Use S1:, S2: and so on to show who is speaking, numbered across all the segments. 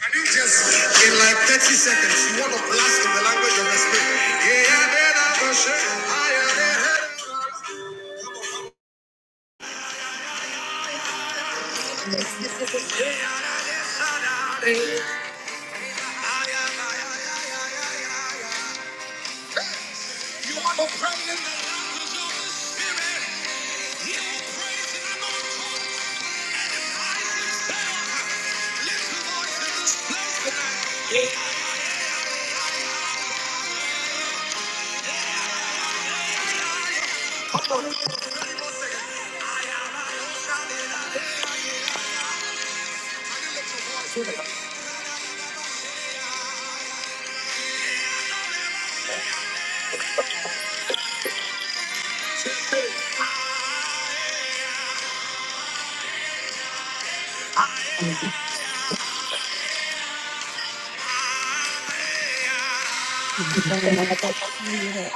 S1: Can you just, in like 30 seconds, you want to blast in the language of the Spirit? Yeah, yeah, yeah,
S2: I don't see it. I don't know.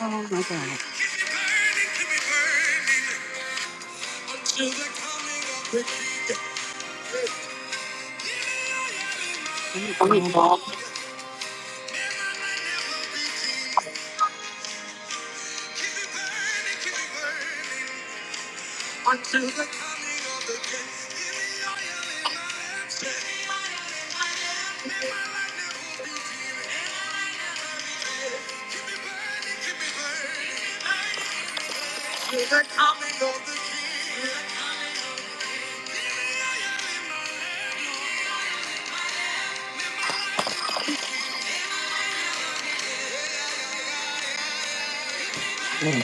S2: Oh my God.
S1: Keep me burning, keep me burning, until the coming of the King. Yeah, yeah, yeah,
S2: Oh my
S1: until the coming of the King. Give me oil in my yeah. Keep me
S2: God.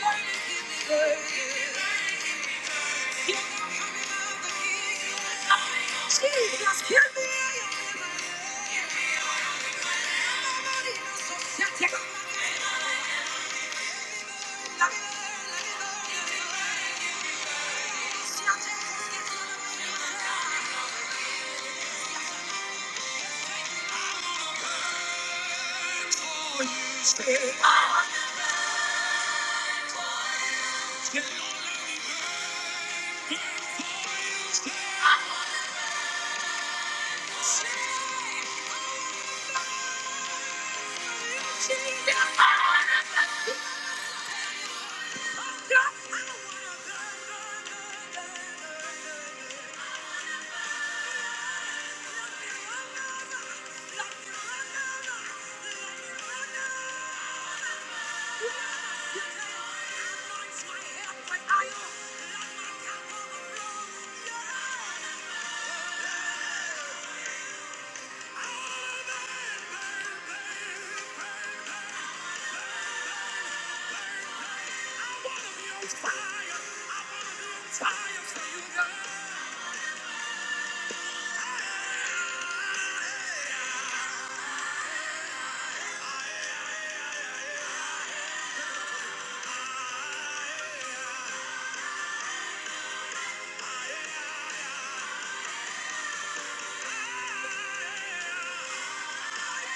S1: burning, keep me burning. Jesus, hear me, Thank you. stay. I stay. I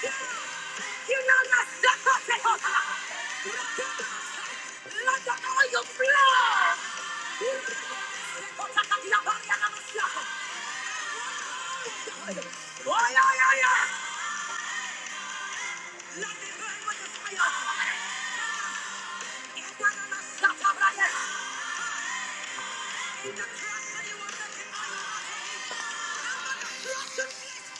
S1: You know my stuff. Let the oil flow. Oh, yeah, yeah, yeah. Let me burn with the fire. It's not on my stuff, I'm right here. In the cross, that you were making, I will make it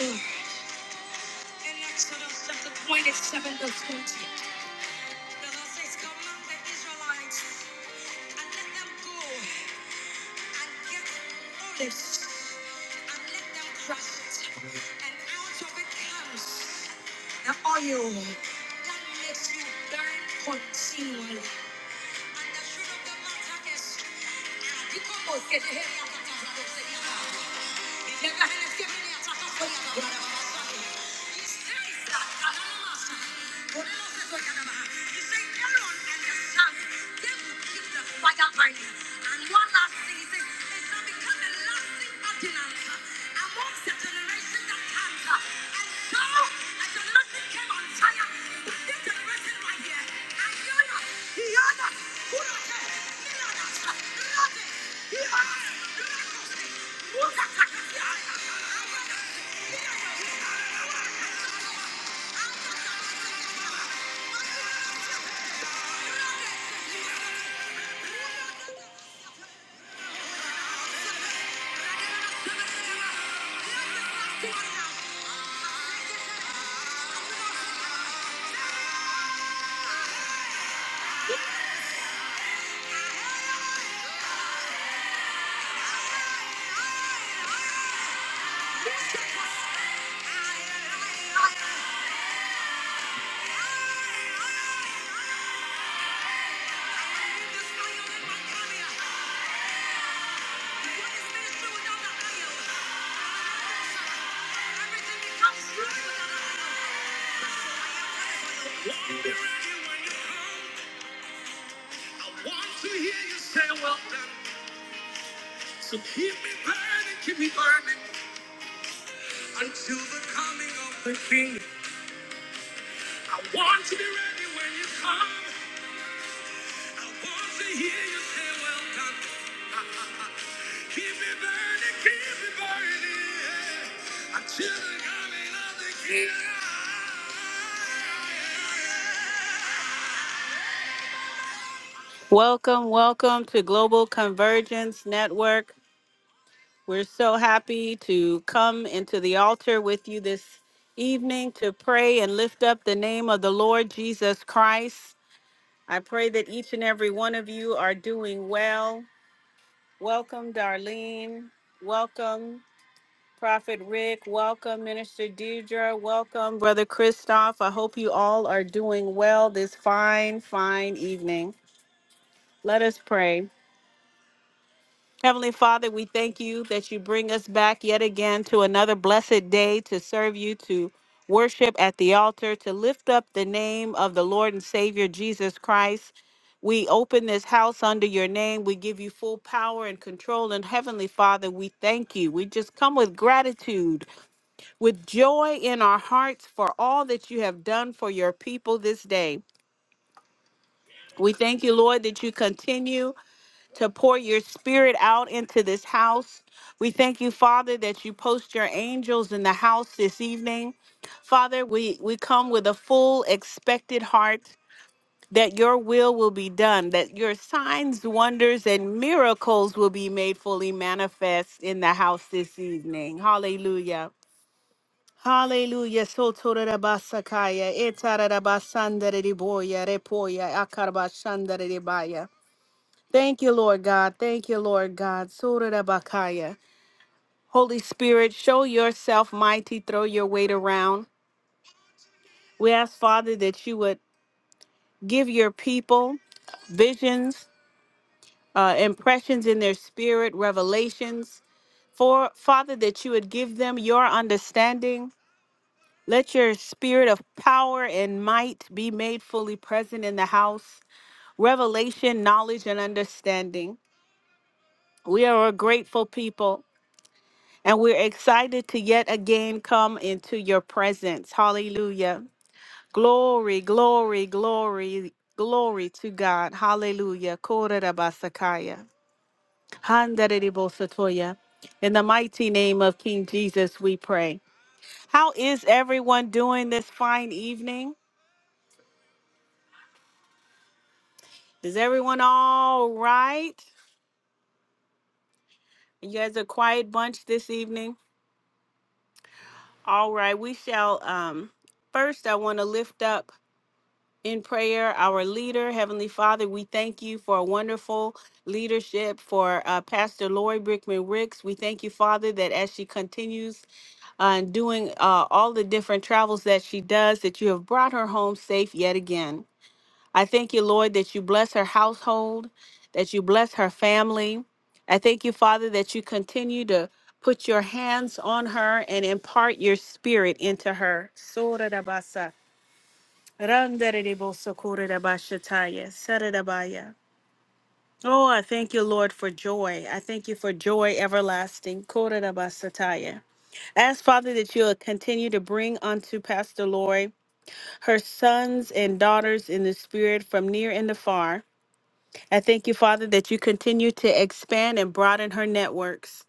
S1: Yes, Lord. In Exodus chapter 27, verse 20. The Lord says, Command the Israelites. and let them go and get olives and let them crush it. And out of it comes the oil that makes you burn continually. And the truth of the matter is, uh, because- He says, "He's got a chance. They will keep the fire burning." And one last thing, he says, "It's not because the last thing I did, and I'm one generation." Everything becomes true without oil. I want to hear you say, well done. So keep me burning, keep me burning until the coming of the King. I want to be ready when you come. I want to hear you say, Well done. Keep me burning, keep me burning yeah, until the coming of the King. Welcome, welcome to Global Convergence Network. We're so happy to come into the altar with you this evening to pray and lift up the name of the Lord Jesus Christ. I pray that each and every one of you are doing well. Welcome, Darlene. Welcome, Prophet Rick. Welcome, Minister Deidre. Welcome, Brother Christoph. I hope you all are doing well this fine, fine evening. Let us pray. Heavenly Father, we thank you that you bring us back yet again to another blessed day to serve you, to worship at the altar, to lift up the name of the Lord and Savior Jesus Christ. We open this house under your name. We give you full power and control. And Heavenly Father, we thank you. We just come with gratitude, with joy in our hearts for all that you have done for your people this day. We thank you, Lord, that you continue to pour your spirit out into this house. We thank you, Father, that you post your angels in the house this evening. Father, we, we come with a full expected heart that your will will be done, that your signs, wonders, and miracles will be made fully manifest in the house this evening. Hallelujah. Hallelujah. So basakaya, etarabasandariboya, repoya, akarbashandaribaya. Thank you, Lord God. Thank you, Lord God. Surah Bakaya. Holy Spirit, show yourself mighty, throw your weight around. We ask, Father, that you would give your people visions, uh, impressions in their spirit, revelations. For Father, that you would give them your understanding. Let your spirit of power and might be made fully present in the house. Revelation, knowledge, and understanding. We are a grateful people. And we're excited to yet again come into your presence. Hallelujah. Glory, glory, glory, glory to God. Hallelujah. Korerabasakaya. Handareribosatoya. In the mighty name of King Jesus, we pray. How is everyone doing this fine evening? Is everyone all right? You guys are a quiet bunch this evening. All right, we shall um first I want to lift up in prayer, our leader, Heavenly Father, we thank you for a wonderful leadership for uh, Pastor Lori Brickman Ricks. We thank you, Father, that as she continues on doing uh, all the different travels that she does, that you have brought her home safe yet again. I thank you, Lord, that you bless her household, that you bless her family. I thank you, Father, that you continue to put your hands on her and impart your spirit into her. Randererebosokoredabashataya, Saradabaya. Oh, I thank you, Lord, for joy. I thank you for joy everlasting. Koredabasataya. Ask, Father, that you'll continue to bring unto Pastor Lori her sons and daughters in the spirit from near and afar. I thank you, Father, that you continue to expand and broaden her networks.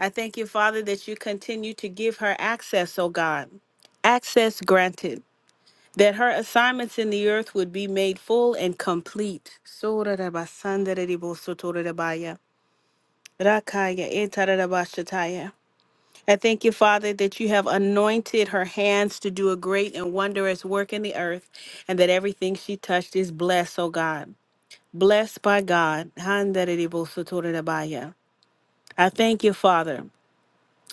S1: I thank you, Father, that you continue to give her access, oh God. Access granted. that her assignments in the earth would be made full and complete. Sora raba sandere ribo sotore rabaya, rakaya etara raba shataya. I thank you, Father, that you have anointed her hands to do a great and wondrous work in the earth, and that everything she touched is blessed, O God. Blessed by God. Handere ribo sotore rabaya. I thank you, Father,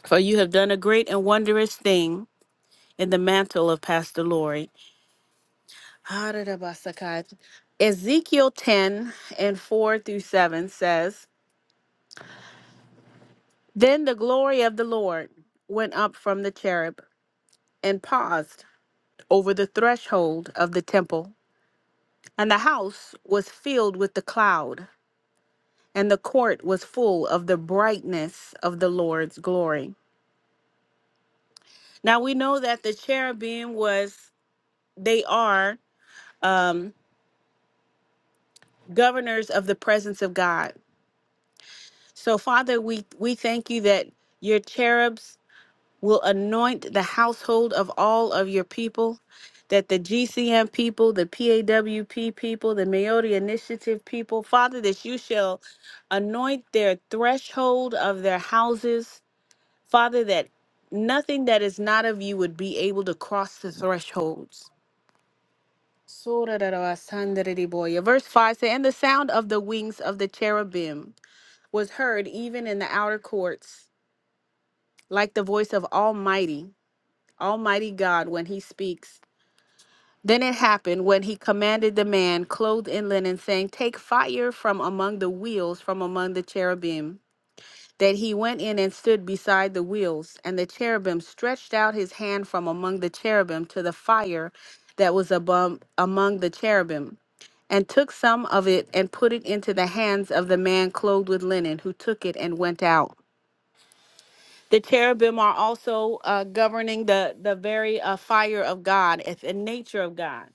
S1: for you have done a great and wondrous thing in the mantle of Pastor Lori. Hararabasaka. Ezekiel 10 and 4 through 7 says, Then the glory of the Lord went up from the cherub and paused over the threshold of the temple. And the house was filled with the cloud, and the court was full of the brightness of the Lord's glory. Now we know that the cherubim was, they are um, governors of the presence of God. So, Father, we, we thank you that your cherubs will anoint the household of all of your people, that the GCM people, the PAWP people, the Mayotte Initiative people, Father, that you shall anoint their threshold of their houses, Father, that nothing that is not of you would be able to cross the thresholds. Verse 5 says, And the sound of the wings of the cherubim was heard even in the outer courts, like the voice of Almighty. Almighty God when he speaks. Then it happened when he commanded the man clothed in linen, saying, Take fire from among the wheels, from among the cherubim. That he went in and stood beside the wheels, and the cherubim stretched out his hand from among the cherubim to the fire that was above, among the cherubim, and took some of it and put it into the hands of the man clothed with linen, who took it and went out. The cherubim are also uh, governing the the very uh, fire of God and and nature of God.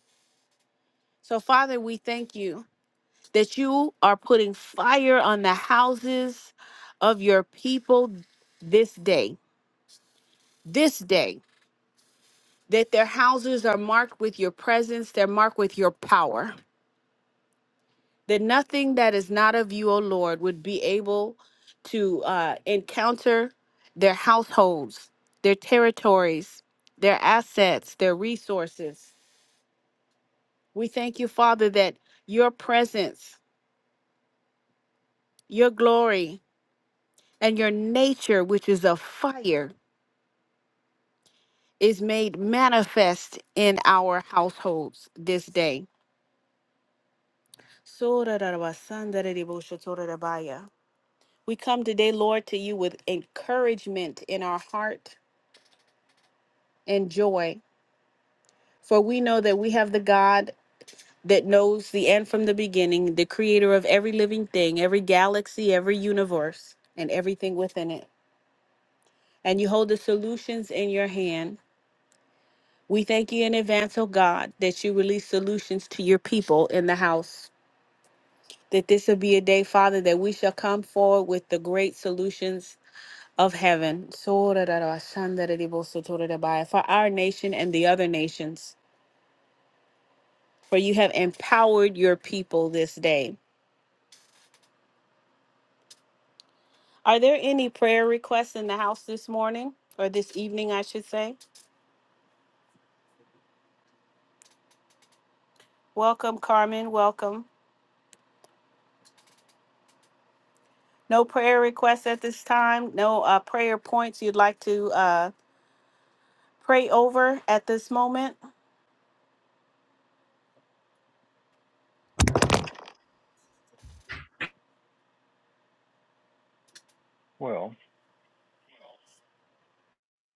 S1: So, Father, we thank you that you are putting fire on the houses of your people this day. This day, that their houses are marked with your presence. They're marked with your power. that nothing that is not of you, O Lord, would be able to uh, encounter their households, their territories, their assets, their resources. We thank you, Father, that your presence, your glory, and your nature, which is a fire, is made manifest in our households this day. We come today, Lord, to you with encouragement in our heart and joy. For we know that we have the God that knows the end from the beginning, the creator of every living thing, every galaxy, every universe, and everything within it. And you hold the solutions in your hand. We thank you in advance, oh God, that you release solutions to your people in the house. That this will be a day, Father, that we shall come forward with the great solutions of heaven. For our nation and the other nations for you have empowered your people this day. Are there any prayer requests in the house this morning or this evening, I should say? Welcome, Carmen. Welcome. No prayer requests at this time. No uh, prayer points you'd like to uh, pray over at this moment.
S3: Well,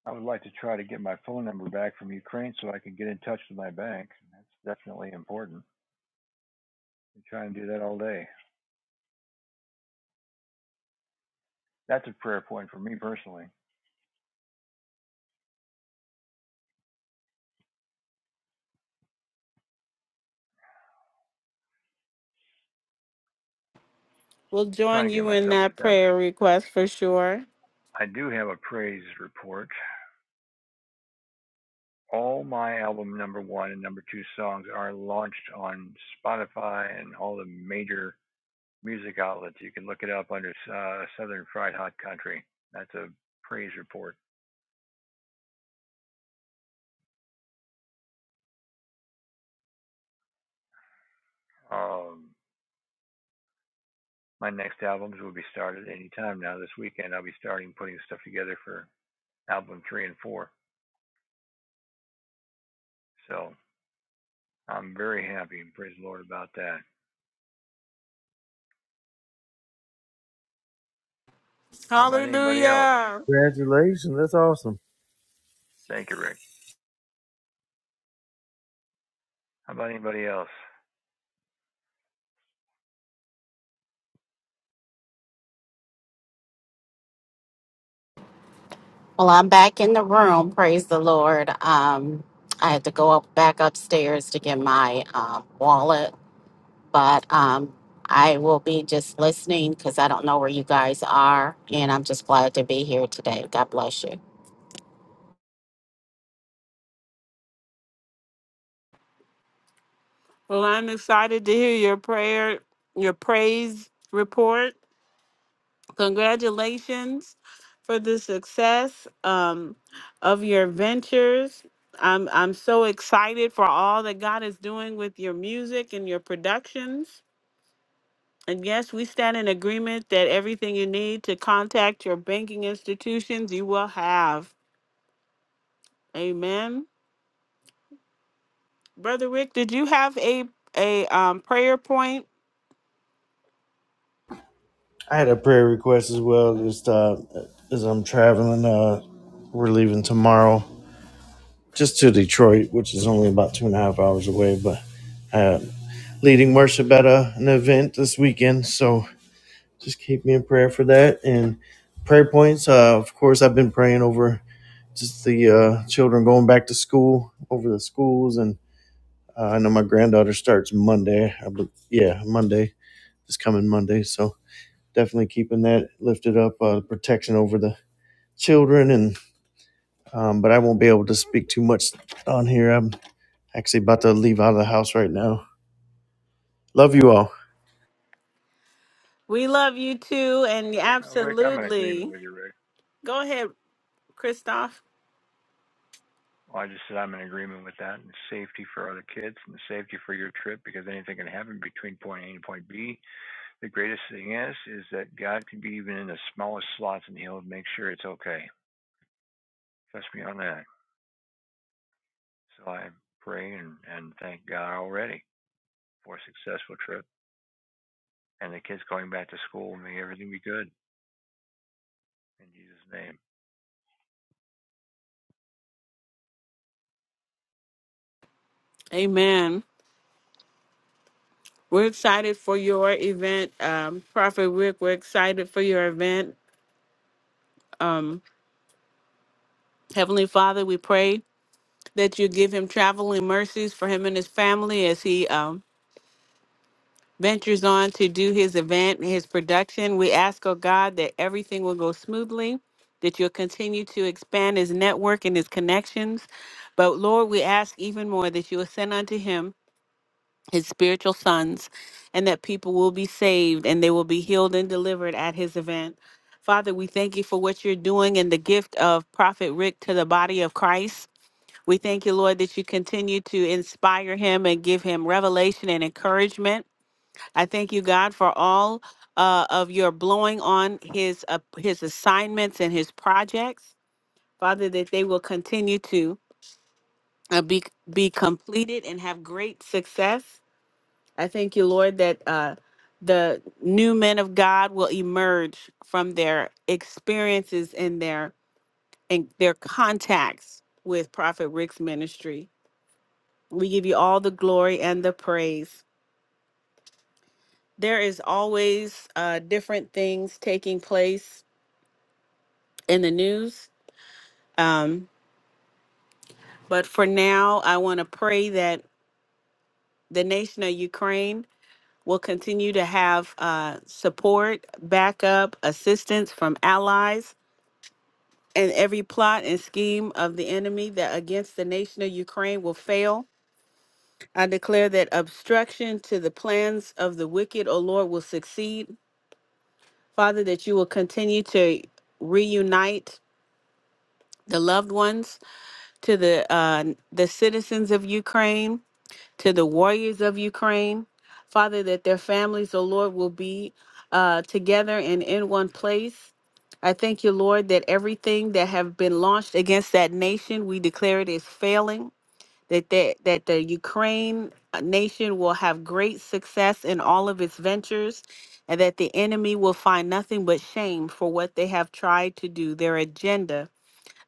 S3: I would like to try to get my phone number back from Ukraine so I can get in touch with my bank. That's definitely important. I try and do that all day. That's a prayer point for me personally. I'm
S1: We'll join
S3: Trying to get
S1: you in
S3: myself
S1: that
S3: established.
S1: prayer request for sure.
S3: I do have a praise report. All my album number one and number two songs are launched on Spotify and all the major music outlets. You can look it up under uh, Southern Fried Hot Country. That's a praise report. Um, my next albums will be started any time now. This weekend, I'll be starting putting stuff together for album three and four. So I'm very happy and praise the Lord about that. How about anybody else?
S1: Hallelujah.
S4: Congratulations. That's awesome.
S3: Thank you, Rick. How about anybody else?
S2: Well, I'm back in the room. Praise the Lord. Um, I had to go up back upstairs to get my uh, wallet, but um, I will be just listening because I don't know where you guys are, and I'm just glad to be here today. God bless you.
S1: Well, I'm excited to hear your prayer, your praise report. Congratulations for the success um, of your ventures. I'm I'm so excited for all that God is doing with your music and your productions. And yes, we stand in agreement that everything you need to contact your banking institutions, you will have. Amen. Brother Rick, did you have a a um, prayer point?
S4: I had a prayer request as well, just uh, as I'm traveling. Uh, we're leaving tomorrow just to Detroit, which is only about two and a half hours away, but uh, leading worship at a, an event this weekend. So just keep me in prayer for that. And prayer points, uh, of course, I've been praying over just the uh, children going back to school, over the schools. And uh, I know my granddaughter starts Monday. I bel yeah, Monday, this coming Monday. So definitely keeping that lifted up, uh, protection over the children. And um, but I won't be able to speak too much on here. I'm actually about to leave out of the house right now. Love you all.
S1: We love you too, and
S3: Uh, Rick, I'm in agreement
S1: absolutely.
S3: with you, Rick.
S1: Go ahead, Christoph.
S3: Well, I just said I'm in agreement with that and safety for other kids and safety for your trip because anything can happen between point A and point B. The greatest thing is, is that God can be even in the smallest slots and He'll make sure it's okay. Trust me on that. So i pray praying and thank God already for a successful trip and the kids going back to school and may everything be good in Jesus' name.
S1: Amen. We're excited for your event, um, Prophet Rick. We're excited for your event. Um, Heavenly Father, we pray that you give him traveling mercies for him and his family as he um, ventures on to do his event and his production. We ask, oh God, that everything will go smoothly, that you'll continue to expand his network and his connections. But Lord, we ask even more that you will send unto him his spiritual sons, and that people will be saved and they will be healed and delivered at his event. Father, we thank you for what you're doing and the gift of Prophet Rick to the body of Christ. We thank you, Lord, that you continue to inspire him and give him revelation and encouragement. I thank you, God, for all uh, of your blowing on his uh, his assignments and his projects, Father, that they will continue to uh, be be completed and have great success. I thank you, Lord, that uh, the new men of God will emerge from their experiences and their and their contacts with Prophet Rick's ministry. We give you all the glory and the praise. There is always uh, different things taking place in the news, um, but for now, I want to pray that the nation of Ukraine will continue to have uh, support, backup, assistance from allies and every plot and scheme of the enemy that against the nation of Ukraine will fail. I declare that obstruction to the plans of the wicked, O Lord, will succeed. Father, that you will continue to reunite the loved ones to the uh, the citizens of Ukraine to the warriors of Ukraine. Father, that their families, O Lord, will be uh, together and in one place. I thank you, Lord, that everything that have been launched against that nation, we declare it is failing. That that, that the Ukraine uh, nation will have great success in all of its ventures, and that the enemy will find nothing but shame for what they have tried to do, their agenda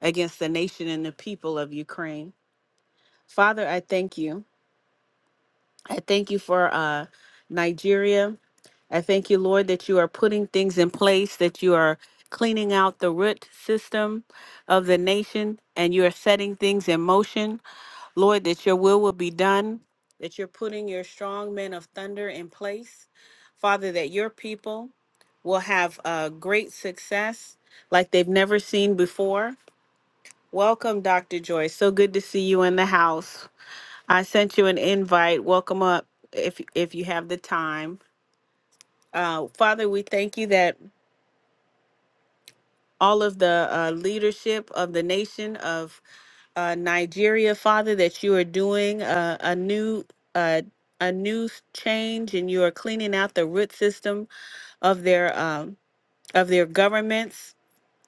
S1: against the nation and the people of Ukraine. Father, I thank you. I thank you for uh, Nigeria. I thank you, Lord, that you are putting things in place, that you are cleaning out the root system of the nation, and you are setting things in motion. Lord, that your will will be done, that you're putting your strong men of thunder in place. Father, that your people will have uh, great success like they've never seen before. Welcome, Dr. Joy. So good to see you in the house. I sent you an invite. Welcome up if if you have the time. Uh, Father, we thank you that all of the uh, leadership of the nation of uh, Nigeria, Father, that you are doing uh, a new uh, a new change and you are cleaning out the root system of their um, of their governments,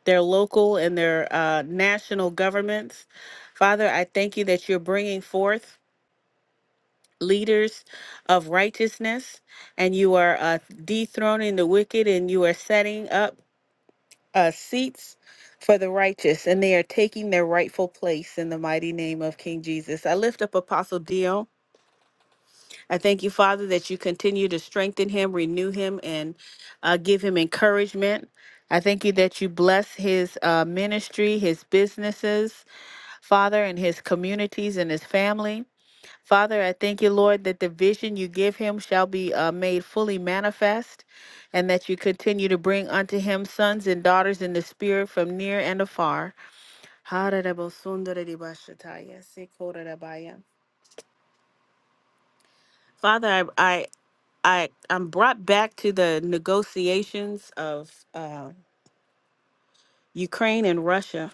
S1: their local and their uh, national governments. Father, I thank you that you're bringing forth. leaders of righteousness, and you are uh, dethroning the wicked, and you are setting up uh, seats for the righteous, and they are taking their rightful place in the mighty name of King Jesus. I lift up Apostle Dio. I thank you, Father, that you continue to strengthen him, renew him, and uh, give him encouragement. I thank you that you bless his uh, ministry, his businesses, Father, and his communities and his family. Father, I thank you, Lord, that the vision you give him shall be uh, made fully manifest, and that you continue to bring unto him sons and daughters in the spirit from near and afar. Father, I, I, I, I'm brought back to the negotiations of uh, Ukraine and Russia.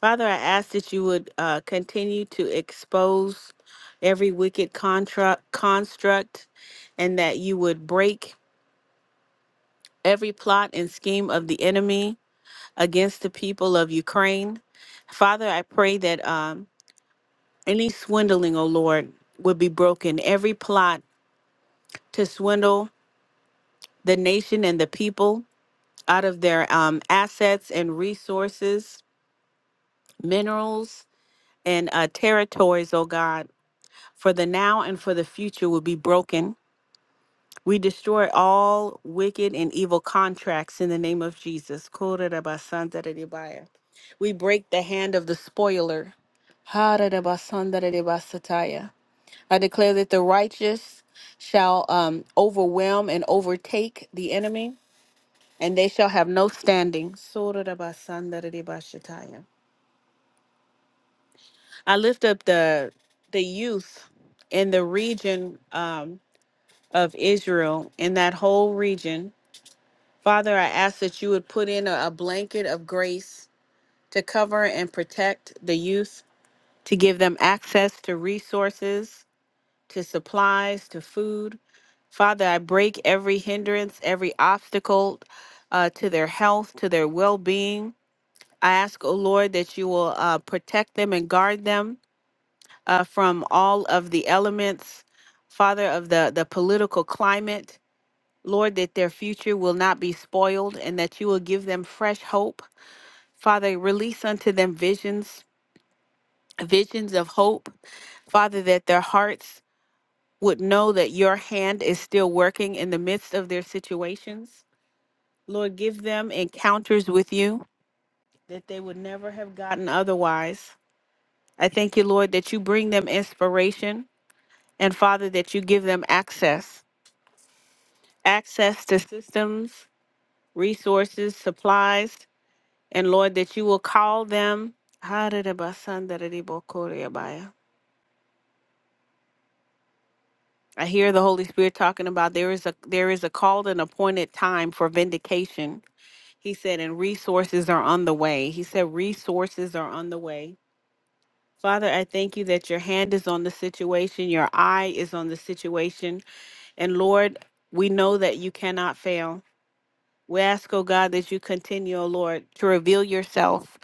S1: Father, I ask that you would uh, continue to expose every wicked contract construct, and that you would break every plot and scheme of the enemy against the people of Ukraine. Father, I pray that um, any swindling, oh Lord, would be broken. Every plot to swindle the nation and the people out of their um, assets and resources, minerals, and uh, territories, oh God, for the now and for the future would be broken. We destroy all wicked and evil contracts in the name of Jesus. Korerabasandararebaya. We break the hand of the spoiler. Harerabasandararebasataya. I declare that the righteous shall um, overwhelm and overtake the enemy, and they shall have no standing. Sorerabasandarerebashataya. I lift up the the youth in the region um, of Israel, in that whole region Father, I ask that you would put in a, a blanket of grace to cover and protect the youth, to give them access to resources, to supplies, to food. Father, I break every hindrance, every obstacle uh, to their health, to their well being. I ask, O Lord, that you will uh, protect them and guard them uh, from all of the elements, Father, of the, the political climate. Lord, that their future will not be spoiled and that you will give them fresh hope. Father, release unto them visions, visions of hope. Father, that their hearts would know that your hand is still working in the midst of their situations. Lord, give them encounters with you that they would never have gotten otherwise. I thank you, Lord, that you bring them inspiration and, Father, that you give them access access to systems, resources, supplies And Lord, that you will call them. I hear the Holy Spirit talking about there is a there is a called and appointed time for vindication. He said, and resources are on the way. He said, resources are on the way. Father, I thank you that your hand is on the situation, your eye is on the situation. And Lord, we know that you cannot fail. We ask, oh God, that you continue, oh Lord, to reveal yourself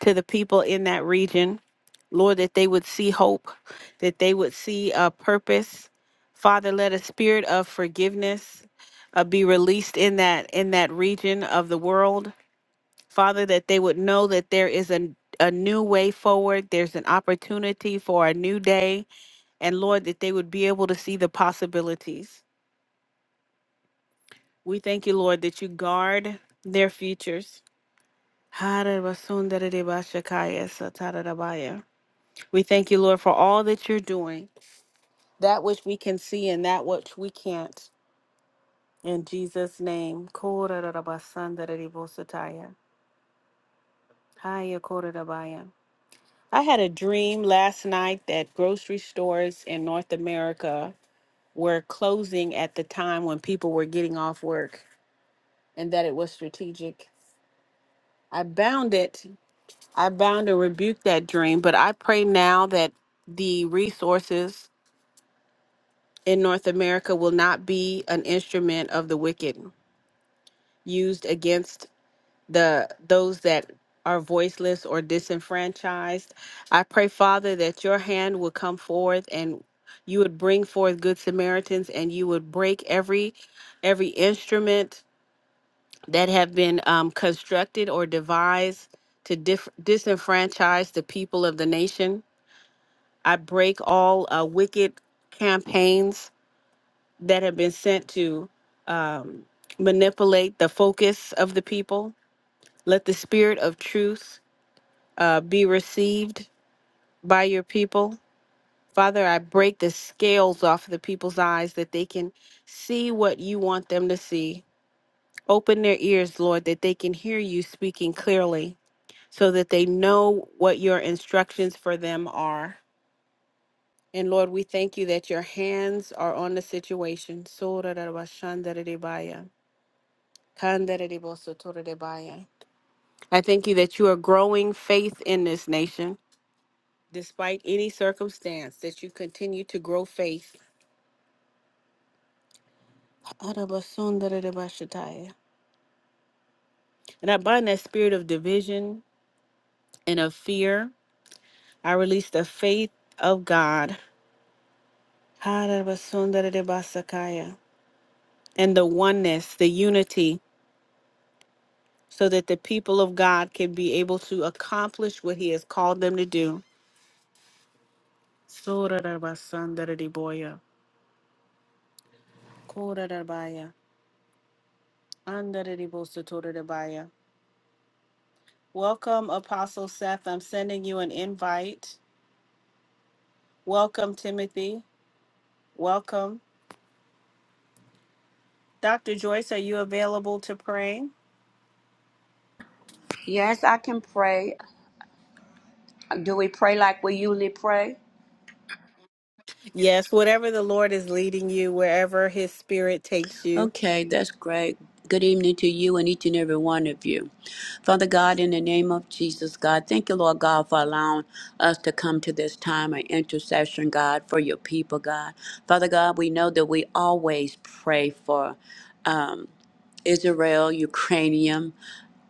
S1: to the people in that region. Lord, that they would see hope, that they would see a purpose. Father, let a spirit of forgiveness uh, be released in that in that region of the world. Father, that they would know that there is a, a new way forward. There's an opportunity for a new day and Lord, that they would be able to see the possibilities. We thank you, Lord, that you guard their futures. Harabasundariba-shakaya satarabaya. We thank you, Lord, for all that you're doing, that which we can see and that which we can't. In Jesus' name. Korarabasandaribo-sataya. Haya I had a dream last night that grocery stores in North America were closing at the time when people were getting off work and that it was strategic. I bound it I bound and rebuke that dream, but I pray now that the resources in North America will not be an instrument of the wicked used against the those that are voiceless or disenfranchised. I pray, Father, that your hand will come forth and you would bring forth good Samaritans and you would break every every instrument that have been um, constructed or devised to dif- disenfranchise the people of the nation. I break all uh, wicked campaigns that have been sent to um, manipulate the focus of the people. Let the spirit of truth uh, be received by your people. Father, I break the scales off of the people's eyes that they can see what you want them to see. Open their ears, Lord, that they can hear you speaking clearly so that they know what your instructions for them are. And Lord, we thank you that your hands are on the situation. Sorarabashandaridibaya, kandaridibosotoridibaya. I thank you that you are growing faith in this nation. Despite any circumstance, that you continue to grow faith. Arabasondaridibashataya. And I bind that spirit of division and of fear. I release the faith of God. Arabasondaridibasakaya. And the oneness, the unity so that the people of God can be able to accomplish what He has called them to do. Sorarabasandaradiboya, korarabaya, andaradibosotorarabaya. Welcome, Apostle Seth. I'm sending you an invite. Welcome, Timothy. Welcome. Dr. Joyce, are you available to pray?
S5: Yes, I can pray. Do we pray like we usually pray?
S1: Yes, whatever the Lord is leading you, wherever His Spirit takes you.
S5: Okay, that's great. Good evening to you and each and every one of you. Father God, in the name of Jesus, God, thank you, Lord God, for allowing us to come to this time of intercession, God, for your people, God. Father God, we know that we always pray for um, Israel, Ukrainian.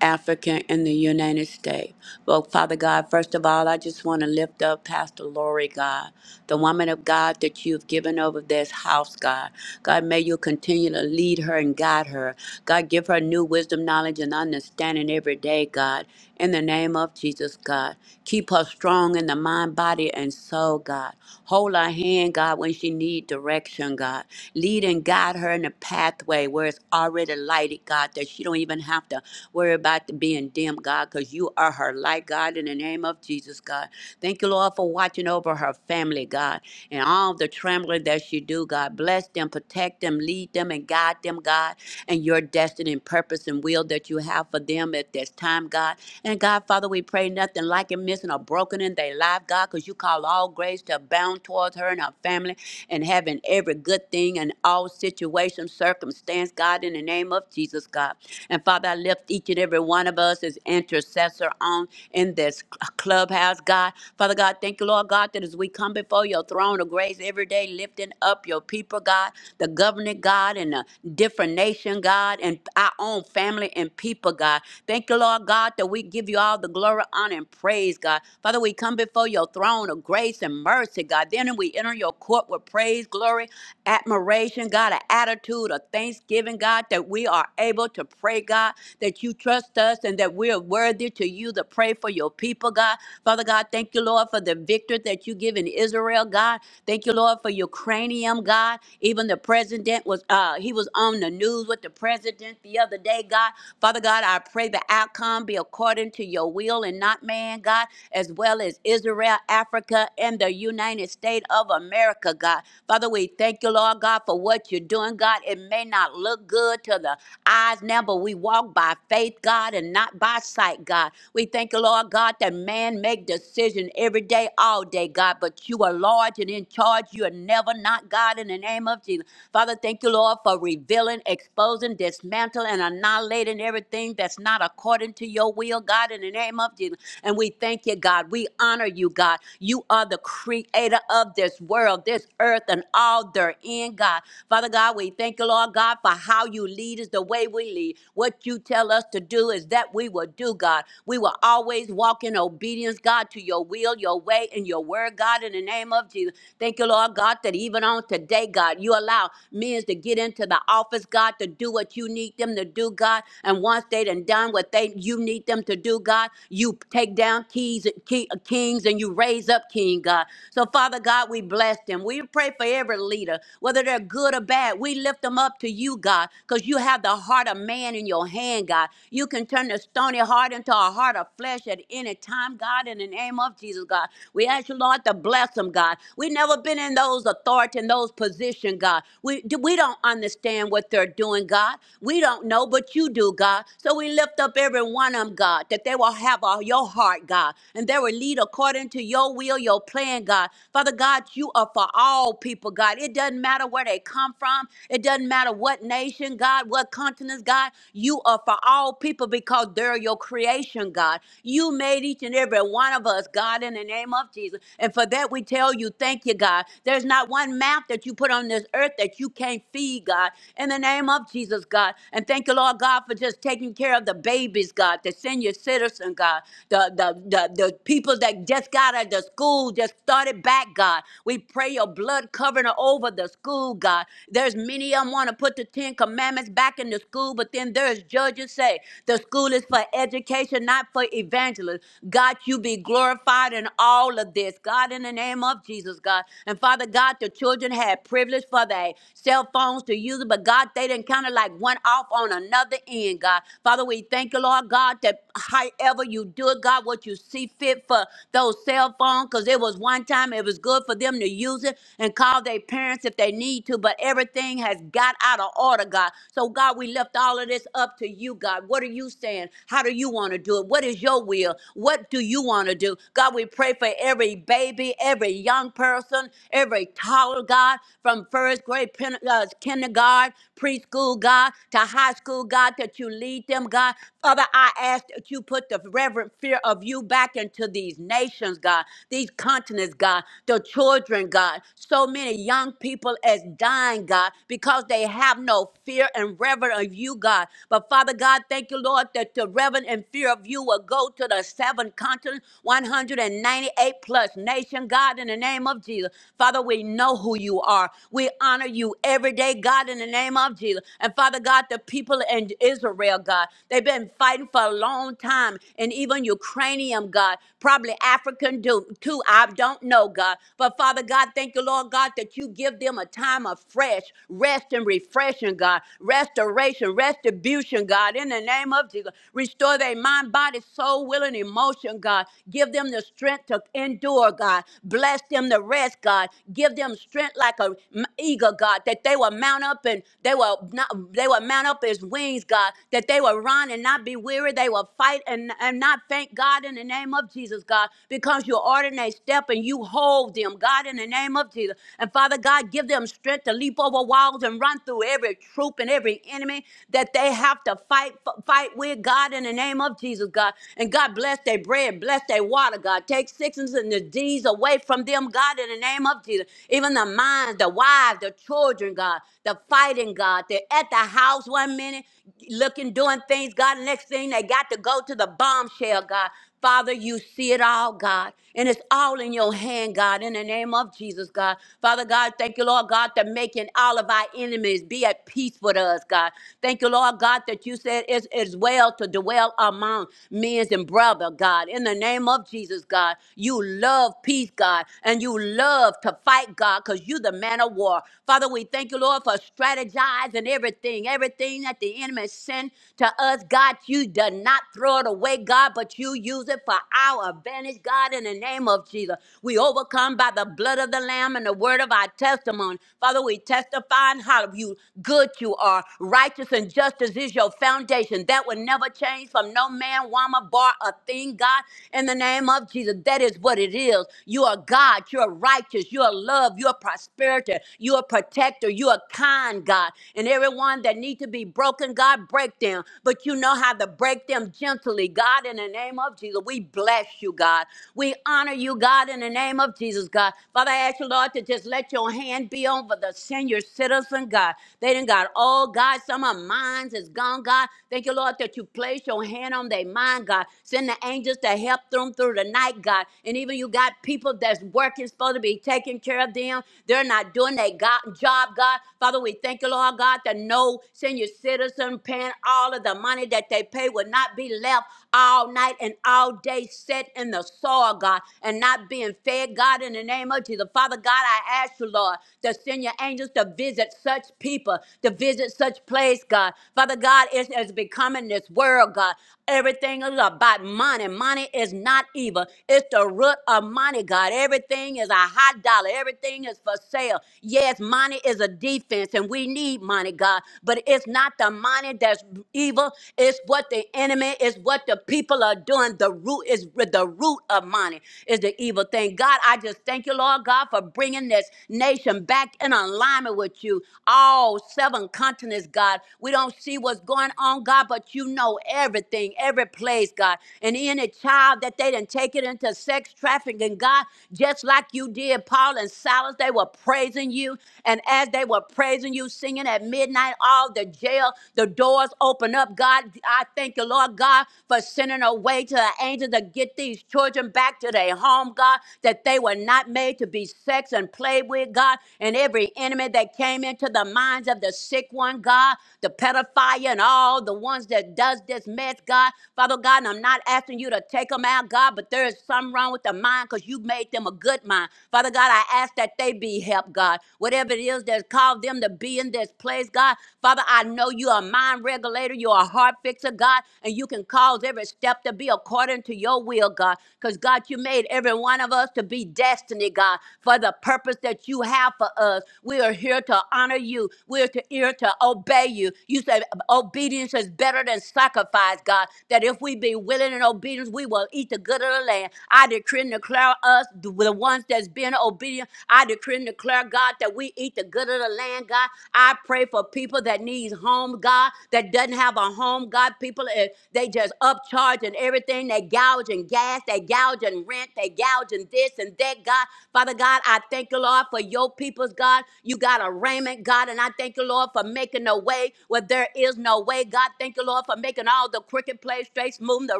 S5: African in the United States. Well, Father God, first of all, I just want to lift up Pastor Lori, God, the woman of God that you've given over this house, God. God, may you continue to lead her and guide her. God, give her new wisdom, knowledge, and understanding every day, God. In the name of Jesus, God. Keep her strong in the mind, body, and soul, God. Hold her hand, God, when she need direction, God. Lead and guide her in the pathway where it's already lighted, God, that she don't even have to worry about the being dim, God, because you are her light, God, in the name of Jesus, God. Thank you, Lord, for watching over her family, God, and all the trembling that she do, God. Bless them, protect them, lead them, and guide them, God and your destiny and purpose and will that you have for them at this time, God. And God, Father, we pray nothing like and missing or broken in their life, God, because you call all grace to abound towards her and her family and having every good thing in all situation, circumstance, God, in the name of Jesus, God. And Father, I lift each and every one of us as intercessor on in this clubhouse, God. Father God, thank you, Lord God, that as we come before your throne of grace every day, lifting up your people, God, the government, God, and the different nation, God, and our own family and people, God. Thank you, Lord God, that we give you all the glory, honor, and praise, God. Father, we come before your throne of grace and mercy, God. Then we enter your court with praise, glory, admiration, God, an attitude of thanksgiving, God, that we are able to pray, God, that you trust us and that we are worthy to you to pray for your people, God. Father God, thank you, Lord, for the victory that you give in Israel, God. Thank you, Lord, for Ukrainian, God. Even the president was, uh, he was on the news with the president the other day, God. Father God, I pray the outcome be according to your will and not man, God, as well as Israel, Africa, and the United States of America, God. Father, we thank you, Lord God, for what you're doing, God. It may not look good to the eyes now, but we walk by faith, God, and not by sight, God. We thank you, Lord God, that man make decision every day, all day, God, but you are large and in charge. You are never not God in the name of Jesus. Father, thank you, Lord, for revealing, exposing, dismantling, and annihilating everything that's not according to your will, God, in the name of Jesus. And we thank you, God. We honor you, God. You are the creator of this world, this earth, and all therein, God. Father God, we thank you, Lord God, for how you lead is the way we lead. What you tell us to do is that we will do, God. We will always walk in obedience, God, to your will, your way, and your word, God, in the name of Jesus. Thank you, Lord God, that even on today, God, you allow men to get into the office, God, to do what you need them to do, God. And once they done done what they you need them to do, God, you take down keys, key, kings and you raise up king, God. So, Father God, we bless them. We pray for every leader, whether they're good or bad. We lift them up to you, God, because you have the heart of man in your hand, God. You can turn the stony heart into a heart of flesh at any time, God, in the name of Jesus, God. We ask you you, Lord, to bless them, God. We've never been in those authority and those position, God. We we don't understand what they're doing, God. We don't know, but you do, God. So we lift up every one of them, God, that they will have all your heart, God, and they will lead according to your will, your plan, God. Father God, you are for all people, God. It doesn't matter where they come from. It doesn't matter what nation, God, what continents, God. You are for all people because they're your creation, God. You made each and every one of one of us, God, in the name of Jesus. And for that, we tell you, thank you, God. There's not one mouth that you put on this earth that you can't feed, God, in the name of Jesus, God. And thank you, Lord God, for just taking care of the babies, God, the senior citizen, God, the, the, the, the people that just got out of the school, just started back, God. We pray your blood covering over the school, God. There's many of them want to put the Ten Commandments back in the school, but then there's judges say the school is for education, not for evangelist. God, you be glorified in all of this. God, in the name of Jesus, God. And Father God, the children had privilege for their cell phones to use it, but God, they didn't kind of like one off on another end, God. Father, we thank you, Lord God, that however you do it, God, what you see fit for those cell phones, because it was one time it was good for them to use it and call their parents if they need to, but everything has got out of order, God. So, God, we lift all of this up to you, God. What are you saying? plan? How do you want to do it? What is your will? What do you want to do? God, we pray for every baby, every young person, every toddler, God, from first grade, pen, uh, kindergarten, preschool, God, to high school, God, that you lead them, God. Father, I ask that you put the reverent fear of you back into these nations, God, these continents, God, the children, God. So many young people as dying, God, because they have no fear and reverence of you, God. But Father God, thank you, Lord, that the reverend and fear of you will go to the seven continents, 198 plus nation, God, in the name of Jesus. Father, we know who you are. We honor you every day, God, in the name of Jesus. And Father God, the people in Israel, God, they've been fighting for a long time, and even Ukrainian, God, probably African do- too. I don't know, God. But Father God, thank you, Lord God, that you give them a time of fresh rest and refreshing, God. Restoration, retribution, God, in the name of Jesus. Restore their mind, body, soul, will, and emotion, God. Give them the strength to endure, God. Bless them to rest, God. Give them strength like a m- eagle, God, that they will mount up and they will not, they will mount up as wings, God, that they will run and not be weary. They will fight and, and not faint, God, in the name of Jesus, God, because you ordinate step and you hold them, God, in the name of Jesus. And Father God, give them strength to leap over four walls and run through every troop and every enemy that they have to fight f- fight with God in the name of Jesus, God. And God bless their bread, bless their water, God. Take sickness and disease away from them, God, in the name of Jesus. Even the minds, the wives, the children, God, the fighting, God. They're at the house one minute looking, doing things, God. Next thing they got to go to the bombshell, God. Father, you see it all, God. And it's all in your hand, God, in the name of Jesus, God. Father God, thank you, Lord God, that making all of our enemies be at peace with us, God. Thank you, Lord God, that you said it's, it's well to dwell among men and brother, God. In the name of Jesus, God, you love peace, God, and you love to fight, God, because you the man of war. Father, we thank you, Lord, for strategizing everything, everything that the enemy sent to us, God. You did not throw it away, God, but you use it for our our advantage, God, in the name of Jesus. We overcome by the blood of the Lamb and the word of our testimony. Father, we testify and how you good you are. Righteous and justice is your foundation. That will never change from no man, woman, bar, a thing, God, in the name of Jesus. That is what it is. You are God. You are righteous. You are love. You are prosperity. You are protector. You are kind, God. And everyone that need to be broken, God, break them. But you know how to break them gently, God, in the name name of Jesus. We bless you, God. We honor you, God, in the name of Jesus, God. Father, I ask you, Lord, to just let your hand be over the senior citizen, God. They done got all, God. Some of minds is gone, God. Thank you, Lord, that you place your hand on their mind, God. Send the angels to help them through the night, God. And even you got people that's working, supposed to be taking care of them. They're not doing their God, job, God. Father, we thank you, Lord God, that no senior citizen paying all of the money that they pay will not be they left all night and all day set in the soil, God, and not being fed, God, in the name of Jesus. Father God, I ask you, Lord, to send your angels to visit such people, to visit such place, God. Father God, it is becoming this world, God. Everything is about money. Money is not evil. It's the root of money, God. Everything is a hot dollar. Everything is for sale. Yes, money is a defense, and we need money, God. But it's not the money that's evil. It's what the enemy, it's what the people are doing. The root is the root of money is the evil thing. God, I just thank you, Lord God, for bringing this nation back in alignment with you. All seven continents, God. We don't see what's going on, God, but you know everything, every place, God. And any child that they didn't take it into sex trafficking, God, just like you did, Paul and Silas, they were praising you. And as they were praising you, singing at midnight, all the jail, the doors doors open up. God, I thank you, Lord God, for sending a way to an angel to get these children back to their home, God, that they were not made to be sex and played with, God. And every enemy that came into the minds of the sick one, God, the pedophile and all the ones that does this mess, God. Father God, and I'm not asking you to take them out, God, but there is something wrong with the mind because you made them a good mind. Father God, I ask that they be helped, God. Whatever it is that's called them to be in this place, God. Father, I know you are a mind regulator, you're a heart fixer, God, and you can cause every step to be according to your will, God. Because, God, you made every one of us to be destiny, God, for the purpose that you have for us. We are here to honor you, we're to- here to obey you. You said obedience is better than sacrifice, God, that if we be willing and obedient, we will eat the good of the land. I decree and declare us, the ones that's been obedient, I decree and declare, God, that we eat the good of the land, God. I pray for people that needs home, God, that doesn't have a home, God. People, eh, they just upcharge and everything. They gouge and gas. They gouge and rent. They gouge and this and that, God. Father God, I thank you, Lord, for your people's God. You got a raiment, God, and I thank you, Lord, for making a way where there is no way, God. Thank you, Lord, for making all the crooked place straight, moving the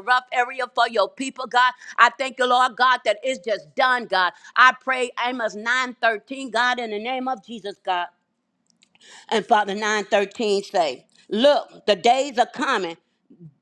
S5: rough area for your people, God. I thank you, Lord, God, that it's just done, God. I pray Amos nine thirteen, God, in the name of Jesus, God. And Father 913 say, Look, the days are coming.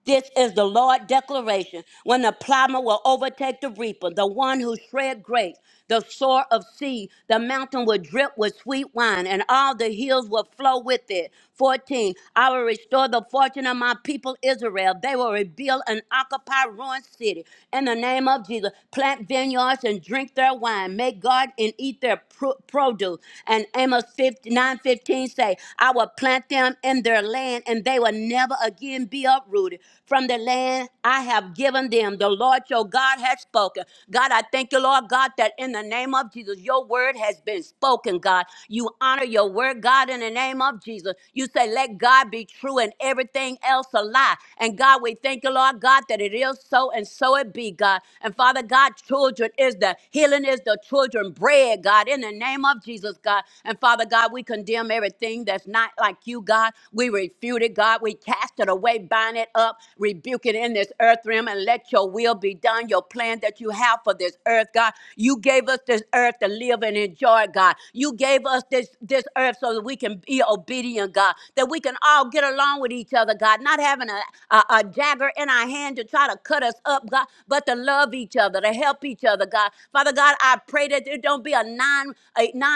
S5: This is the Lord declaration. When the plowman will overtake the reaper, the one who shred grapes, the sower of seed, the mountain will drip with sweet wine, and all the hills will flow with it. 14. I will restore the fortune of my people Israel. They will rebuild and occupy ruined city. In the name of Jesus, plant vineyards and drink their wine. Make garden and eat their pro- produce. And Amos 59:15 say, I will plant them in their their land, and they will never again be uprooted from the land I have given them. The Lord your God has spoken. God, I thank you, Lord God, that in the name of Jesus, your word has been spoken, God. You honor your word, God, in the name of Jesus. You say, let God be true and everything else a lie. And God, we thank you, Lord God, that it is so and so it be, God. And Father God, children is the healing is the children bread, God, in the name of Jesus, God. And Father God, we we condemn everything that's not like you, God. We refute it, God. We cast it away, bind it up, rebuke it in this earth realm, and let your will be done, your plan that you have for this earth, God. You gave us this earth to live and enjoy, God. You gave us this, this earth so that we can be obedient, God, that we can all get along with each other, God, not having a, a, a dagger in our hand to try to cut us up, God, but to love each other, to help each other, God. Father God, I pray that there don't be a a 9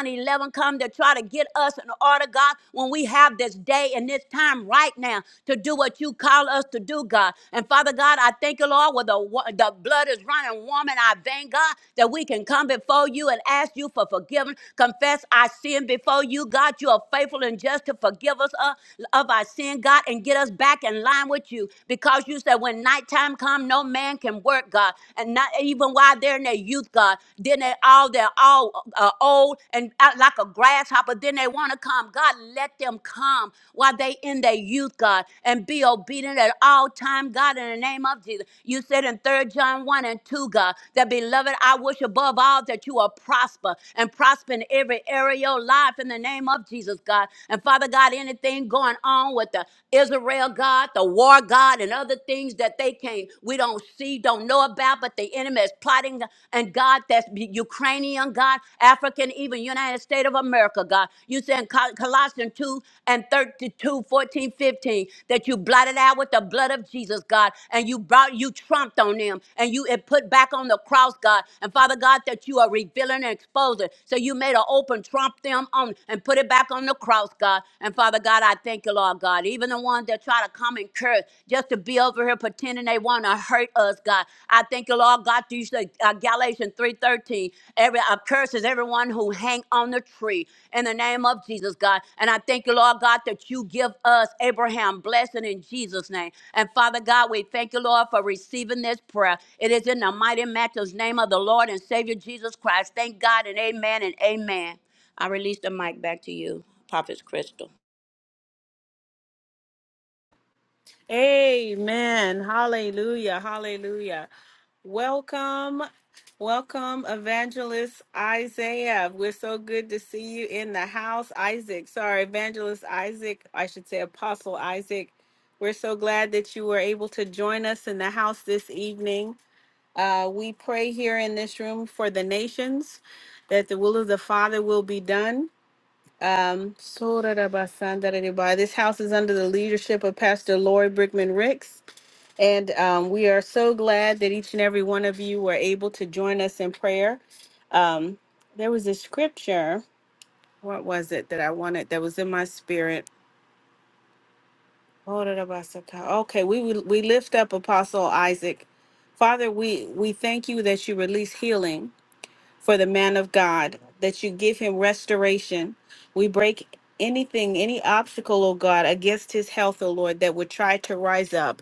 S5: eleven come to try to get us in order, God, when we have this day and this time right now to do what you call us to do, God. And Father God, I thank you, Lord, where the, wa- the blood is running warm in our vein, God, that we can come before you and ask you for forgiveness, confess our sin before you, God. You are faithful and just to forgive us of, of our sin, God, and get us back in line with you because you said when nighttime come, no man can work, God. And not even while while they're in their youth, God. Then they all they're all uh, old and out like a grasshopper. Then they want to come. God, let them come while they in their youth, God, and be obedient at all time, God, in the name of Jesus. You said in Third John 1 and 2, God, that beloved, I wish above all that you are prosper and prosper in every area of your life in the name of Jesus, God. And Father God, anything going on with the Israel, God, the war, God, and other things that they can't enemy we don't see, don't know about, but the enemy is plotting. And God, that's Ukrainian, God, African, even United States of America, God. You said in Col- Colossians 2 and 32, 14, 15, that you blotted out with the blood of Jesus, God, and you brought, you trumped on them, and you it put back on the cross, God. And Father God, that you are revealing and exposing. So you made an open trump them on and put it back on the cross, God. And Father God, I thank you, Lord God. Even the ones that try to common curse just to be over here pretending they want to hurt us, God. I thank you, Lord God, through uh, Galatians 3.13. Every uh, curse is everyone who hang on the tree in the name of Jesus, God. And I thank you, Lord God, that you give us Abraham blessing in Jesus' name. And Father God, we thank you, Lord, for receiving this prayer. It is in the mighty matchless name of the Lord and Savior Jesus Christ. Thank God and amen and amen. I release the mic back to you, Prophet Crystal.
S1: Amen. Hallelujah. Hallelujah. Welcome. Welcome, Evangelist Isaiah. We're so good to see you in the house, Isaac. Sorry, Evangelist Isaac. I should say Apostle Isaac. We're so glad that you were able to join us in the house this evening. Uh, we pray here in this room for the nations that the will of the Father will be done um, Sorarabasandarariba. this house is under the leadership of Pastor Lori Brickman Ricks, and um, we are so glad that each and every one of you were able to join us in prayer. Um, there was a scripture. What was it that I wanted that was in my spirit? Sorarabasaka. Okay, we will- we lift up Apostle Isaac. Father, we we thank you that you release healing. for the man of God, that you give him restoration. We break anything, any obstacle, oh God, against his health, oh Lord, that would try to rise up.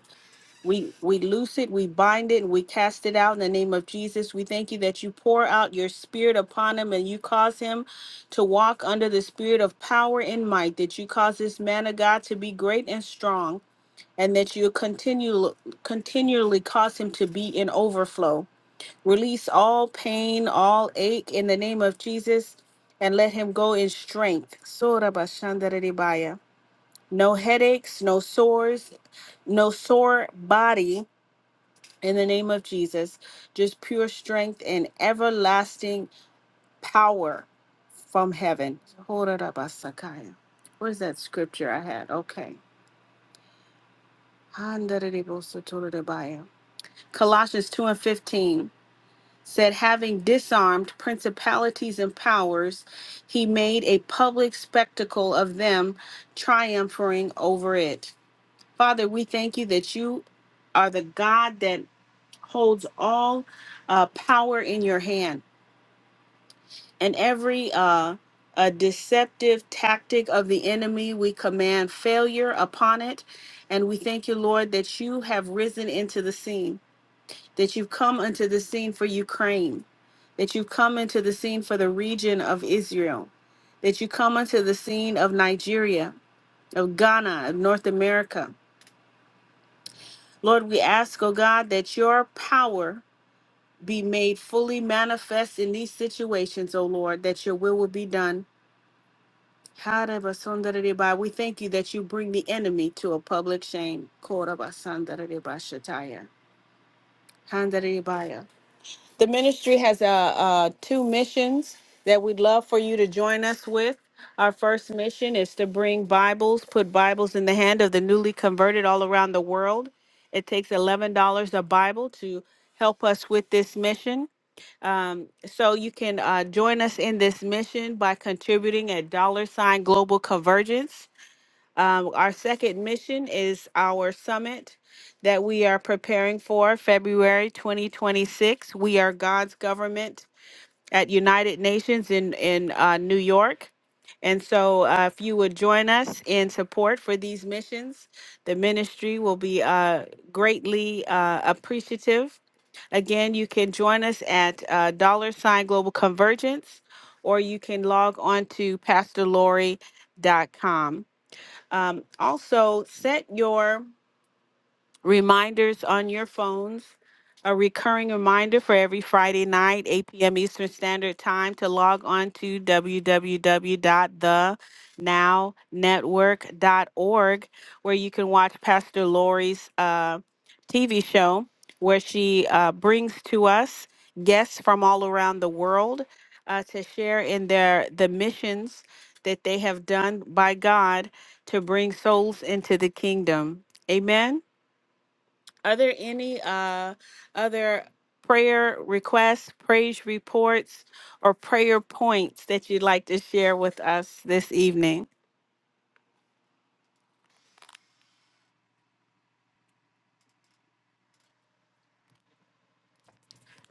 S1: We we loose it, we bind it, and we cast it out in the name of Jesus. We thank you that you pour out your spirit upon him and you cause him to walk under the spirit of power and might, that you cause this man of God to be great and strong, and that you continue continually cause him to be in overflow. Release all pain, all ache in the name of Jesus, and let him go in strength. Sora bashandaridibaya. No headaches, no sores, no sore body in the name of Jesus. Just pure strength and everlasting power from heaven. Sora basakaya. Where's that scripture I had? Okay. Handaridibosotoridibaya. Colossians 2 and 15. said, having disarmed principalities and powers, he made a public spectacle of them, triumphing over it. Father, we thank you that you are the God that holds all uh, power in your hand and every uh, a deceptive tactic of the enemy, we command failure upon it. And we thank you, Lord, that you have risen into the scene that you've come unto the scene for Ukraine, that you've come into the scene for the region of Israel, that you come unto the scene of Nigeria, of Ghana, of North America. Lord, we ask, oh God, that your power be made fully manifest in these situations, oh Lord, that your will will be done. Harabasondareba, We thank you that you bring the enemy to a public shame. Korabasondarebashataya. Handarebaya. The ministry has uh, uh, two missions that we'd love for you to join us with. Our first mission is to bring Bibles, put Bibles in the hand of the newly converted all around the world. It takes $11 a Bible to help us with this mission. Um, so you can uh, join us in this mission by contributing at dollar sign global convergence. Um, our second mission is our summit that we are preparing for February 2026. We are God's government at United Nations in in uh, New York. And so, uh, if you would join us in support for these missions, the ministry will be uh, greatly uh, appreciative. Again, you can join us at uh, dollar sign global convergence, or you can log on to pastorlaurie.com. Um, also, set your reminders on your phones. A recurring reminder for every Friday night, 8 p.m. Eastern Standard Time, to log on to w w w dot the now network dot org, where you can watch Pastor Lori's uh, TV show, where she uh, brings to us guests from all around the world uh, to share in their the missions that they have done by God to bring souls into the kingdom. Amen. Are there any uh, other prayer requests, praise reports, or prayer points that you'd like to share with us this evening?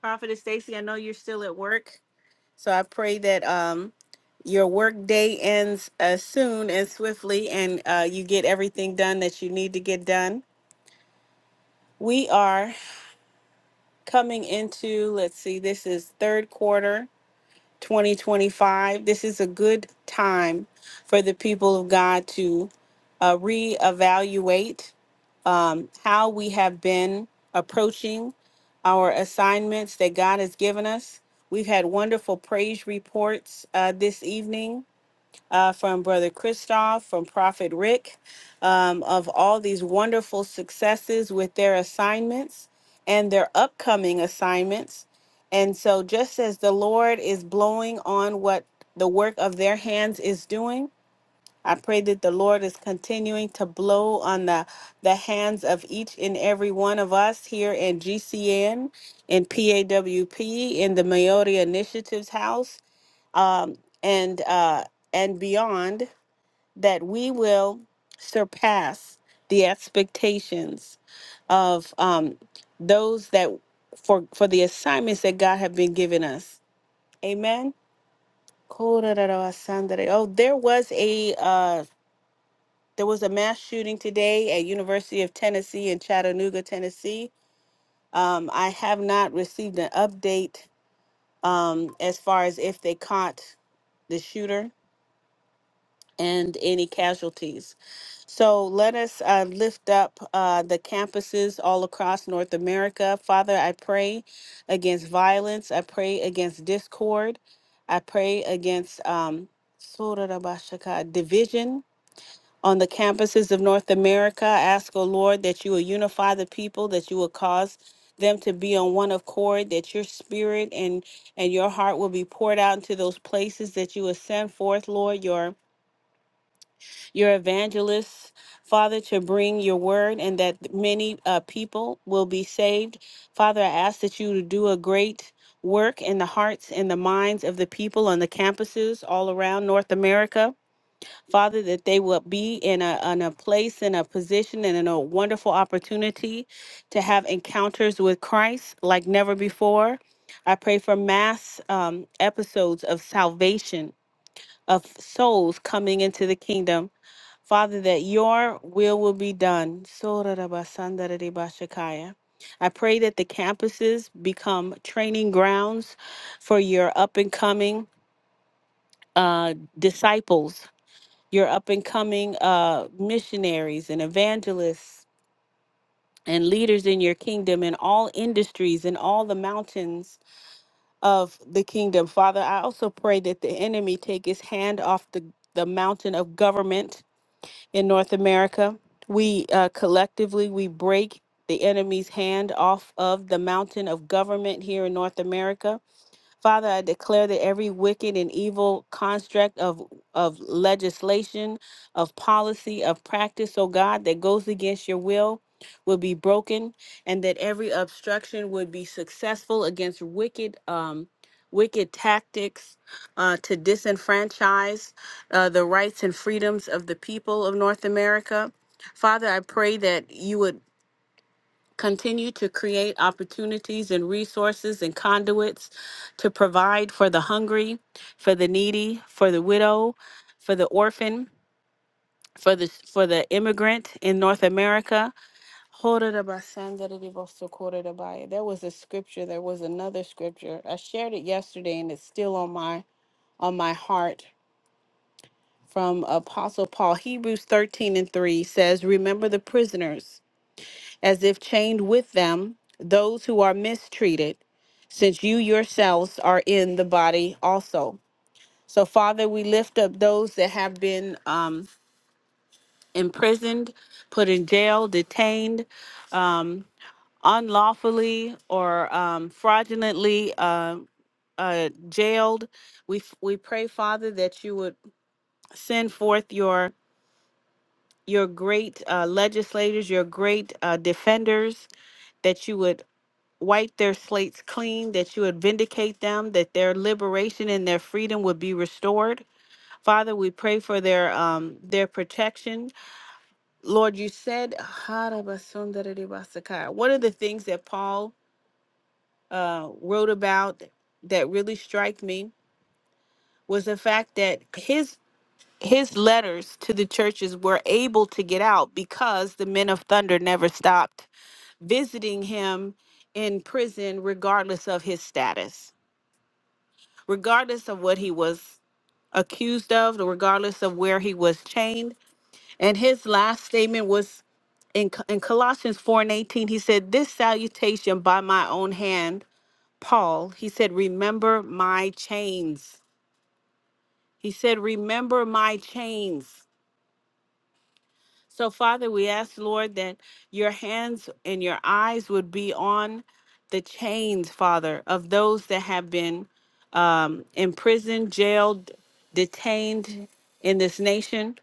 S1: Prophetess Stacy, I know you're still at work, so I pray that um, your work day ends uh, soon and swiftly, and uh, you get everything done that you need to get done. We are coming into, let's see, this is third quarter 2025. This is a good time for the people of God to uh, reevaluate um, how we have been approaching our assignments that God has given us. We've had wonderful praise reports uh, this evening uh, from Brother Christoph, from Prophet Rick, um, of all these wonderful successes with their assignments and their upcoming assignments. And so, just as the Lord is blowing on what the work of their hands is doing, I pray that the Lord is continuing to blow on the, the hands of each and every one of us here in GCN, in PAWP, in the Maori Initiatives House, um, and uh, and beyond that we will surpass the expectations of um, those that for for the assignments that God have been giving us. Amen. Oh, there was a uh, there was a mass shooting today at University of Tennessee in Chattanooga, Tennessee. Um, I have not received an update um, as far as if they caught the shooter and any casualties. So let us uh, lift up uh, the campuses all across North America. Father, I pray against violence. I pray against discord. I pray against um, division on the campuses of North America. I ask, O Lord, that you will unify the people, that you will cause them to be on one accord, that your spirit and, and your heart will be poured out into those places, that you will send forth, Lord, your your evangelists, Father, to bring your word and that many uh, people will be saved. Father, I ask that you to do a great work in the hearts and the minds of the people on the campuses all around North America. Father, that they will be in a, in a place, in a position, and in a wonderful opportunity to have encounters with Christ like never before. I pray for mass um, episodes of salvation of souls coming into the kingdom Father, that your will will be done. Sorarabasandarabashakaya. I pray that the campuses become training grounds for your up and coming uh, disciples, your up and coming uh, missionaries and evangelists and leaders in your kingdom in all industries and all the mountains of the kingdom. Father, I also pray that the enemy take his hand off the, the mountain of government in North America. We uh, collectively we break the enemy's hand off of the mountain of government here in North America. Father, I declare that every wicked and evil construct of, of legislation, of policy, of practice, oh God, that goes against your will will be broken and that every obstruction would be successful against wicked um, wicked tactics uh, to disenfranchise uh, the rights and freedoms of the people of North America. Father, I pray that you would Continue to create opportunities and resources and conduits to provide for the hungry, for the needy, for the widow, for the orphan, for the for the immigrant in North America. There was a scripture, there was another scripture. I shared it yesterday and it's still on my on my heart from Apostle Paul. Hebrews 13 and 3 says, Remember the prisoners as if chained with them those who are mistreated, since you yourselves are in the body also. So, Father, we lift up those that have been um, imprisoned, put in jail, detained unlawfully or um, fraudulently uh, uh, jailed. We f- we pray, Father, that you would send forth your your great uh, legislators, your great uh, defenders, that you would wipe their slates clean, that you would vindicate them, that their liberation and their freedom would be restored. Father, we pray for their um their protection. Lord, you said one of the things that Paul uh, wrote about that really struck me was the fact that his his letters to the churches were able to get out because the men of thunder never stopped visiting him in prison regardless of his status regardless of what he was accused of, regardless of where he was chained. And his last statement was in, Co- in Colossians 4 and 18, he said, This salutation by my own hand, Paul, he said, Remember my chains. He said, Remember my chains. So, Father, we ask, Lord, that your hands and your eyes would be on the chains, Father, of those that have been um, imprisoned, jailed, detained in this nation.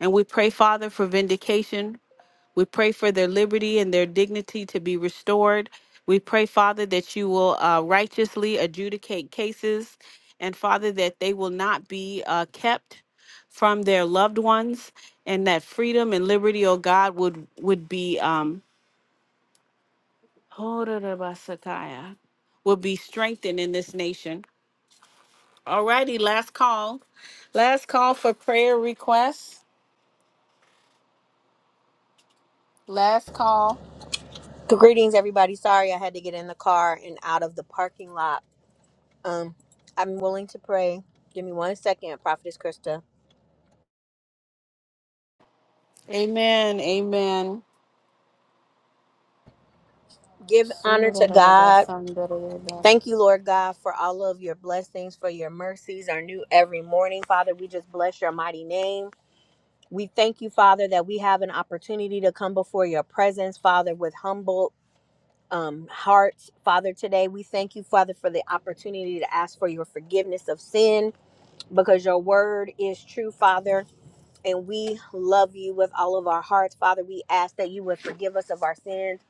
S1: And we pray, Father, for vindication. We pray for their liberty and their dignity to be restored. We pray, Father, that you will uh, righteously adjudicate cases and, Father, that they will not be uh, kept from their loved ones and that freedom and liberty oh god would would be um Horarabasakaya, would be strengthened in this nation all righty last call last call for prayer requests last call
S6: Greetings, everybody. Sorry I had to get in the car and out of the parking lot. Um, I'm willing to pray. Give me one second, Prophetess Krista.
S1: amen amen
S6: Give honor to God.
S1: Sorarabasandarabe.
S6: Thank you, Lord God, for all of your blessings, for your mercies are new every morning. Father, we just bless your mighty name. We thank you, Father, that we have an opportunity to come before your presence, Father, with humble um, hearts. Father, today we thank you, Father, for the opportunity to ask for your forgiveness of sin because your word is true, Father and we love you with all of our hearts. Father, we ask that you would forgive us of our sins.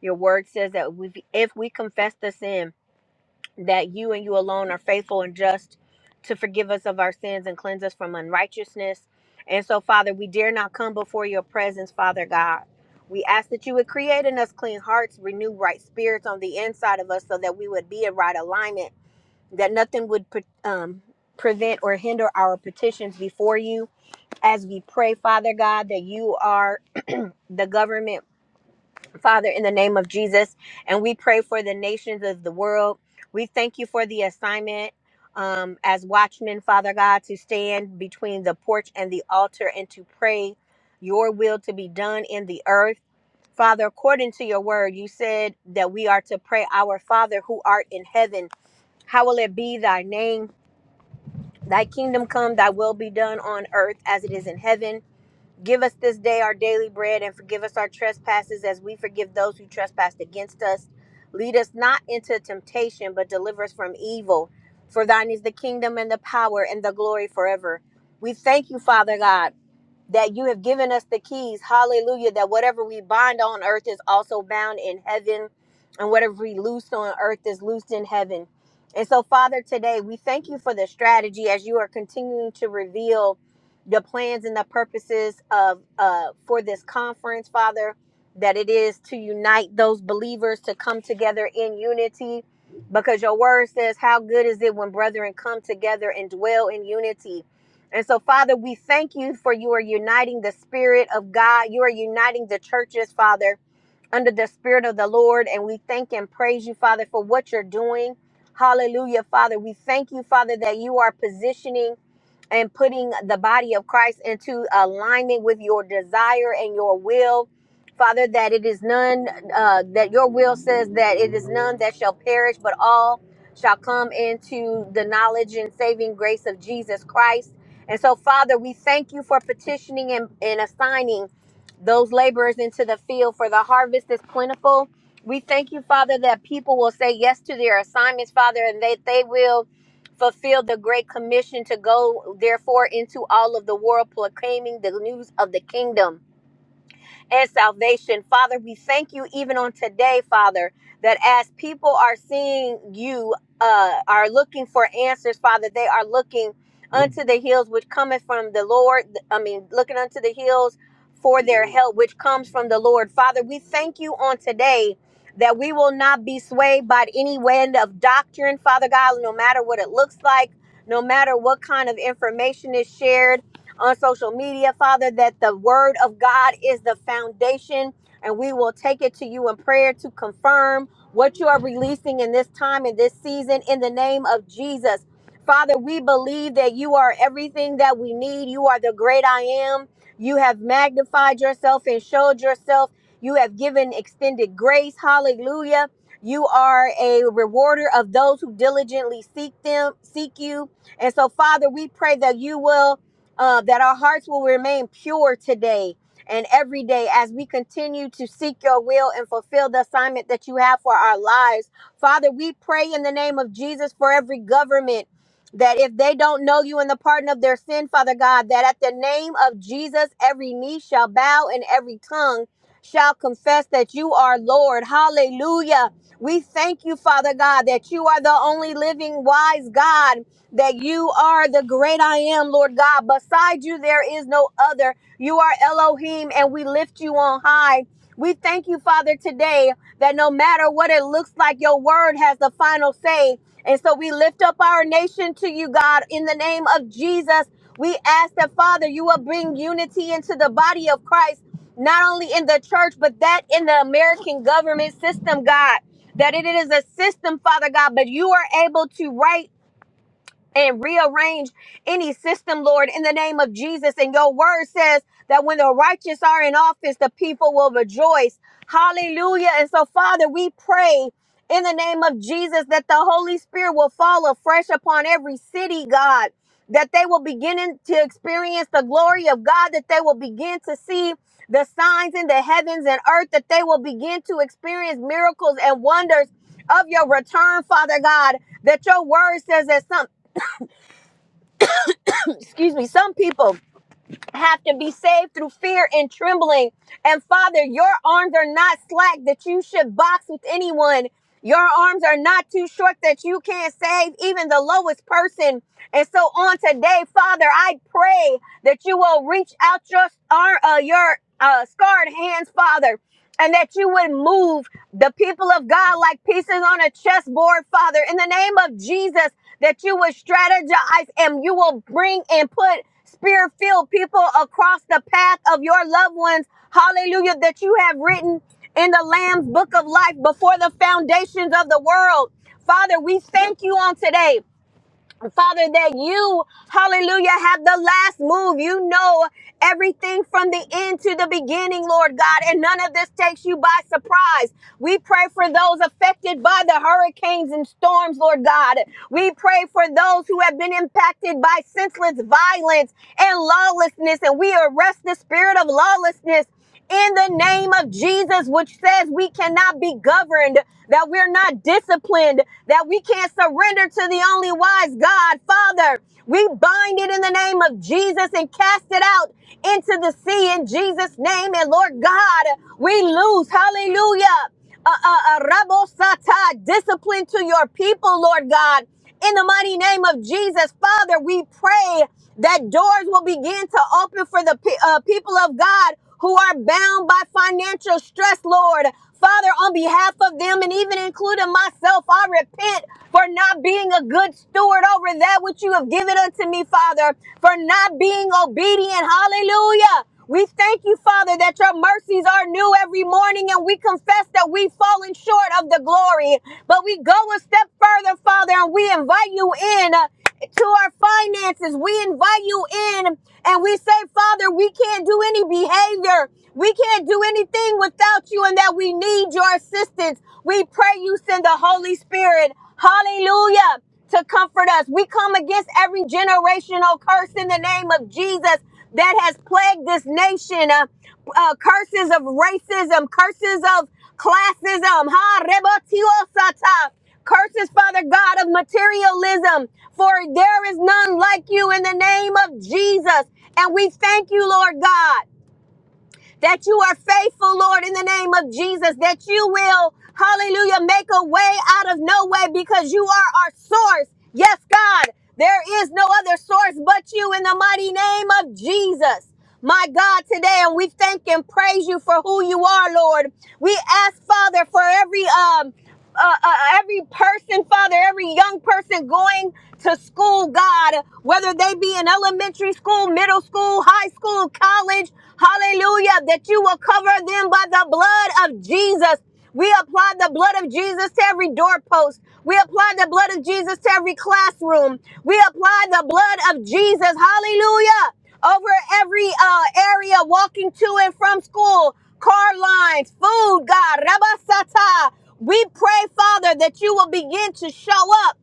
S6: Your word says that we, if we confess the sin, that you and you alone are faithful and just to forgive us of our sins and cleanse us from unrighteousness. And so, Father, we dare not come before your presence, Father God. We ask that you would create in us clean hearts, renew right spirits on the inside of us so that we would be in right alignment, that nothing would pre- um, prevent or hinder our petitions before you as we pray, Father God, that you are the government, Father, in the name of Jesus. And we pray for the nations of the world. We thank you for the assignment um, as watchmen, Father God, to stand between the porch and the altar and to pray your will to be done in the earth. Father, according to your word, you said that we are to pray, Our Father who art in heaven, how will it be thy name? Thy kingdom come, thy will be done on earth as it is in heaven. Give us this day our daily bread and forgive us our trespasses as we forgive those who trespass against us. Lead us not into temptation, but deliver us from evil. For thine is the kingdom and the power and the glory forever. We thank you, Father God that you have given us the keys. Hallelujah. That whatever we bind on earth is also bound in heaven, and whatever we loose on earth is loosed in heaven. And so, Father, today we thank you for the strategy as you are continuing to reveal the plans and the purposes of uh, for this conference, Father. That it is to unite those believers to come together in unity, because your word says, "How good is it when brethren come together and dwell in unity." And so, Father, we thank you for you are uniting the Spirit of God. You are uniting the churches, Father, under the Spirit of the Lord. And we thank and praise you, Father, for what you're doing. Hallelujah, Father. We thank you, Father, that you are positioning and putting the body of Christ into alignment with your desire and your will. Father, that it is none, uh, that your will says that it is none that shall perish, but all shall come into the knowledge and saving grace of Jesus Christ. And so, Father, we thank you for petitioning and, and assigning those laborers into the field, for the harvest is plentiful. We thank you, Father, that people will say yes to their assignments, Father, and that they will fulfilled the great commission to go therefore into all of the world proclaiming the news of the kingdom and salvation. Father, we thank you even on today, Father, that as people are seeing you, uh, are looking for answers, Father, they are looking unto the hills which cometh from the Lord. I mean, looking unto the hills for their help, which comes from the Lord. Father, we thank you on today that we will not be swayed by any wind of doctrine, Father God, no matter what it looks like, no matter what kind of information is shared on social media, Father, that the word of God is the foundation. And we will take it to you in prayer to confirm what you are releasing in this time, in this season, in the name of Jesus. Father, we believe that you are everything that we need. You are the great I am. You have magnified yourself and showed yourself. You have given extended grace. Hallelujah. You are a rewarder of those who diligently seek them, seek you. And so, Father, we pray that you will uh, that our hearts will remain pure today and every day as we continue to seek your will and fulfill the assignment that you have for our lives. Father, we pray in the name of Jesus for every government. That if they don't know you in the pardon of their sin, Father God, that at the name of Jesus, every knee shall bow and every tongue shall confess that you are Lord. Hallelujah. We thank you, Father God, that you are the only living wise God that you are the great I am, Lord God. Beside you, there is no other. You are Elohim, and we lift you on high. We thank you, Father, today that no matter what it looks like, your word has the final say. And so we lift up our nation to you, God, in the name of Jesus. We ask that, Father, you will bring unity into the body of Christ, not only in the church, but that in the American government system, God. That it is a system, Father God, but you are able to right and rearrange any system, Lord, in the name of Jesus. And your word says that when the righteous are in office, the people will rejoice. Hallelujah. And so, Father, we pray in the name of Jesus that the Holy Spirit will fall afresh upon every city, God, that they will begin to experience the glory of God, that they will begin to see the signs in the heavens and earth, that they will begin to experience miracles and wonders of your return, Father God that your word says that some excuse me, some people have to be saved through fear and trembling. And Father, your arms are not slack that you should box with anyone. Your arms are not too short that you can't save even the lowest person. And so on today, Father, I pray that you will reach out your uh, your uh, scarred hands, Father, and that you would move the people of God like pieces on a chessboard, Father, in the name of Jesus, that you would strategize and you will bring and put spirit filled people across the path of your loved ones. Hallelujah. That you have written in the Lamb's book of life before the foundations of the world. Father, we thank you on today. Father, that you, hallelujah, have the last move. You know everything from the end to the beginning, Lord God, and none of this takes you by surprise. We pray for those affected by the hurricanes and storms, Lord God. We pray for those who have been impacted by senseless violence and lawlessness, and we arrest the spirit of lawlessness in the name of Jesus, which says we cannot be governed, that we're not disciplined, that we can't surrender to the only wise God. Father, we bind it in the name of Jesus and cast it out into the sea in Jesus' name. And Lord God, we lose, hallelujah, a, a, a rabo sata, discipline to your people, Lord God. In the mighty name of Jesus, Father, we pray that doors will begin to open for the pe- uh, people of God who are bound by financial stress, Lord. Father, on behalf of them and even including myself, I repent for not being a good steward over that which you have given unto me, Father, for not being obedient. Hallelujah. We thank you, Father, that your mercies are new every morning, and we confess that we've fallen short of the glory. But we go a step further, Father, and we invite you in uh, to our finances. We invite you in, and we say, Father, we can't do any behavior. We can't do anything without you, and that we need your assistance. We pray you send the Holy Spirit. Hallelujah to comfort us. We come against every generational curse in the name of Jesus that has plagued this nation. Uh, uh, curses of racism, curses of classism, ha, rebatiosata, curses, Father God, of materialism, for there is none like you in the name of Jesus. And we thank you, Lord God that you are faithful, Lord, in the name of Jesus, that you will, hallelujah, make a way out of no way because you are our source. Yes, God, there is no other source but you in the mighty name of Jesus. My God, today, and we thank and praise you for who you are, Lord. We ask, Father, for every um uh, uh, every person, Father, every young person going to school, God, whether they be in elementary school, middle school, high school, college, hallelujah, that you will cover them by the blood of Jesus. We apply the blood of Jesus to every doorpost. We apply the blood of Jesus to every classroom. We apply the blood of Jesus, hallelujah over every uh, area walking to and from school, car lines, food, God, Rabasata. We pray, Father, that you will begin to show up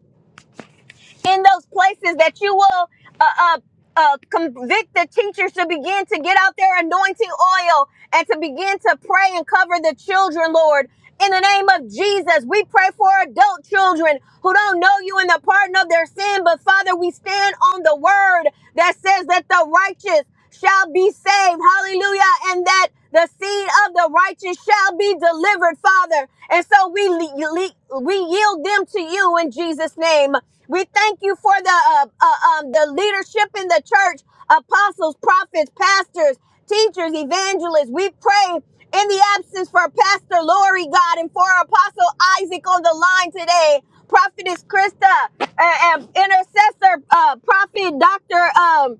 S6: in those places, that you will uh, uh, uh, convict the teachers to begin to get out their anointing oil and to begin to pray and cover the children, Lord. In the name of Jesus, we pray for adult children who don't know you in the pardon of their sin, but Father, we stand on the word that says that the righteous shall be saved. Hallelujah. And that the seed of the righteous shall be delivered, Father. And so we, le- le- we yield them to you in Jesus' name. We thank you for the, uh, uh, um, the leadership in the church, apostles, prophets, pastors, teachers, evangelists. We pray in the absence for Pastor Lori, God, and for Apostle Isaac on the line today, Prophetess Krista, and, and intercessor, uh, Prophet Dr.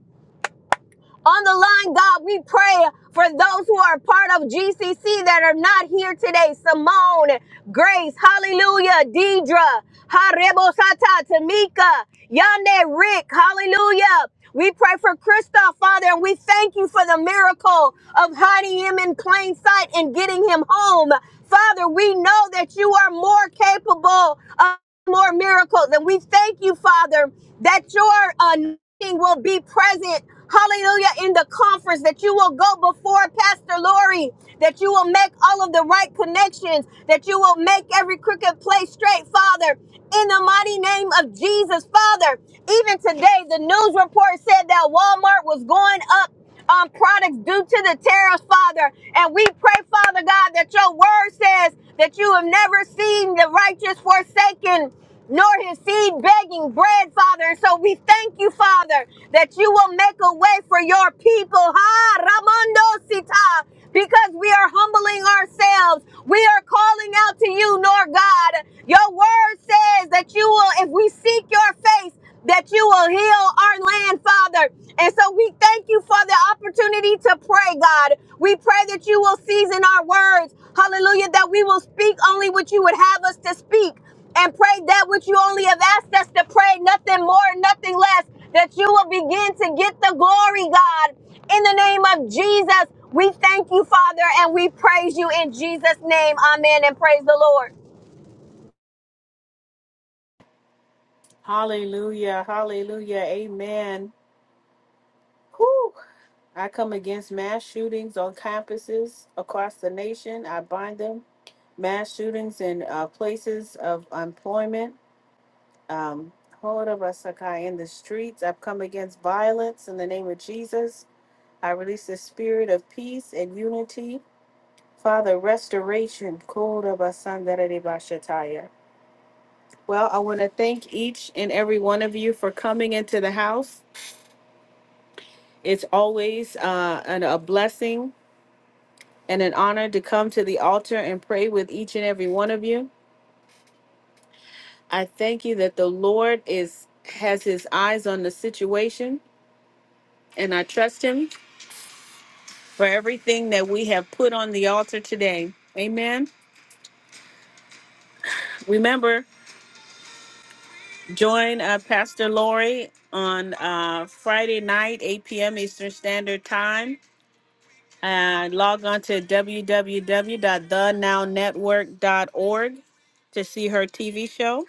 S6: On the line, God, we pray for those who are part of GCC that are not here today. Simone, Grace, Hallelujah, Deidra, Harebosata, Tamika, Yande, Rick, Hallelujah. We pray for Christoph, Father, and we thank you for the miracle of hiding him in plain sight and getting him home. Father, we know that you are more capable of more miracles. And we thank you, Father, that your anointing will be present. Hallelujah. In the conference, that you will go before Pastor Lori, that you will make all of the right connections, that you will make every crooked place straight, Father. In the mighty name of Jesus, Father. Even today, the news report said that Walmart was going up um, products due to the tariffs, Father. And we pray, Father God, that your word says that you have never seen the righteous forsaken nor his seed begging bread, Father. And so we thank you, Father, that you will make a way for your people. Ha, Ramando Sita. Because we are humbling ourselves. We are calling out to you, Lord God. Your word says that you will, if we seek your face, that you will heal our land, Father. And so we thank you for the opportunity to pray, God. We pray that you will season our words. Hallelujah. That we will speak only what you would have us to speak and pray that which you only have asked us to pray, nothing more, nothing less. That you will begin to get the glory, God. In the name of Jesus, we thank you, Father, and we praise you in Jesus' name. Amen. And praise the Lord.
S1: hallelujah hallelujah amen Whew. I come against mass shootings on campuses across the nation. I bind them mass shootings in uh, places of employment. Um, Hoda Rasakai in the streets. I've come against violence in the name of Jesus. I release the spirit of peace and unity. Father, restoration. Koda Basandarede Bashataya. Well, I want to thank each and every one of you for coming into the house. It's always uh, an, a blessing and an honor to come to the altar and pray with each and every one of you. I thank you that the Lord is has his eyes on the situation and I trust him for everything that we have put on the altar today. Amen. Remember, join uh, Pastor Lori on uh, Friday night, 8 p.m. Eastern Standard Time. Uh, log on to www.thenownetwork.org to see her TV show.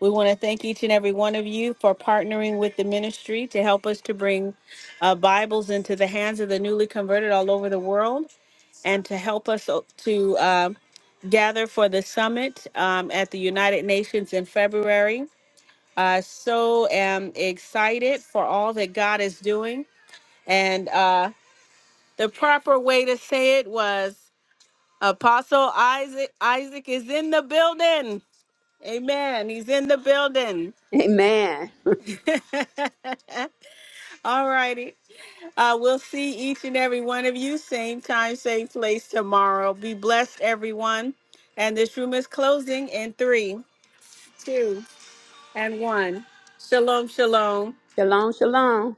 S1: We want to thank each and every one of you for partnering with the ministry to help us to bring uh, Bibles into the hands of the newly converted all over the world and to help us o- to uh, gather for the summit um, at the United Nations in February. I so am excited for all that God is doing. And uh, the proper way to say it was Apostle Isaac, Isaac is in the building. Amen. He's in the building.
S5: Amen.
S1: All righty. Uh, we'll see each and every one of you, same time, same place tomorrow. Be blessed, everyone. And this room is closing in three, two, and one. Shalom, shalom.
S5: Shalom, shalom.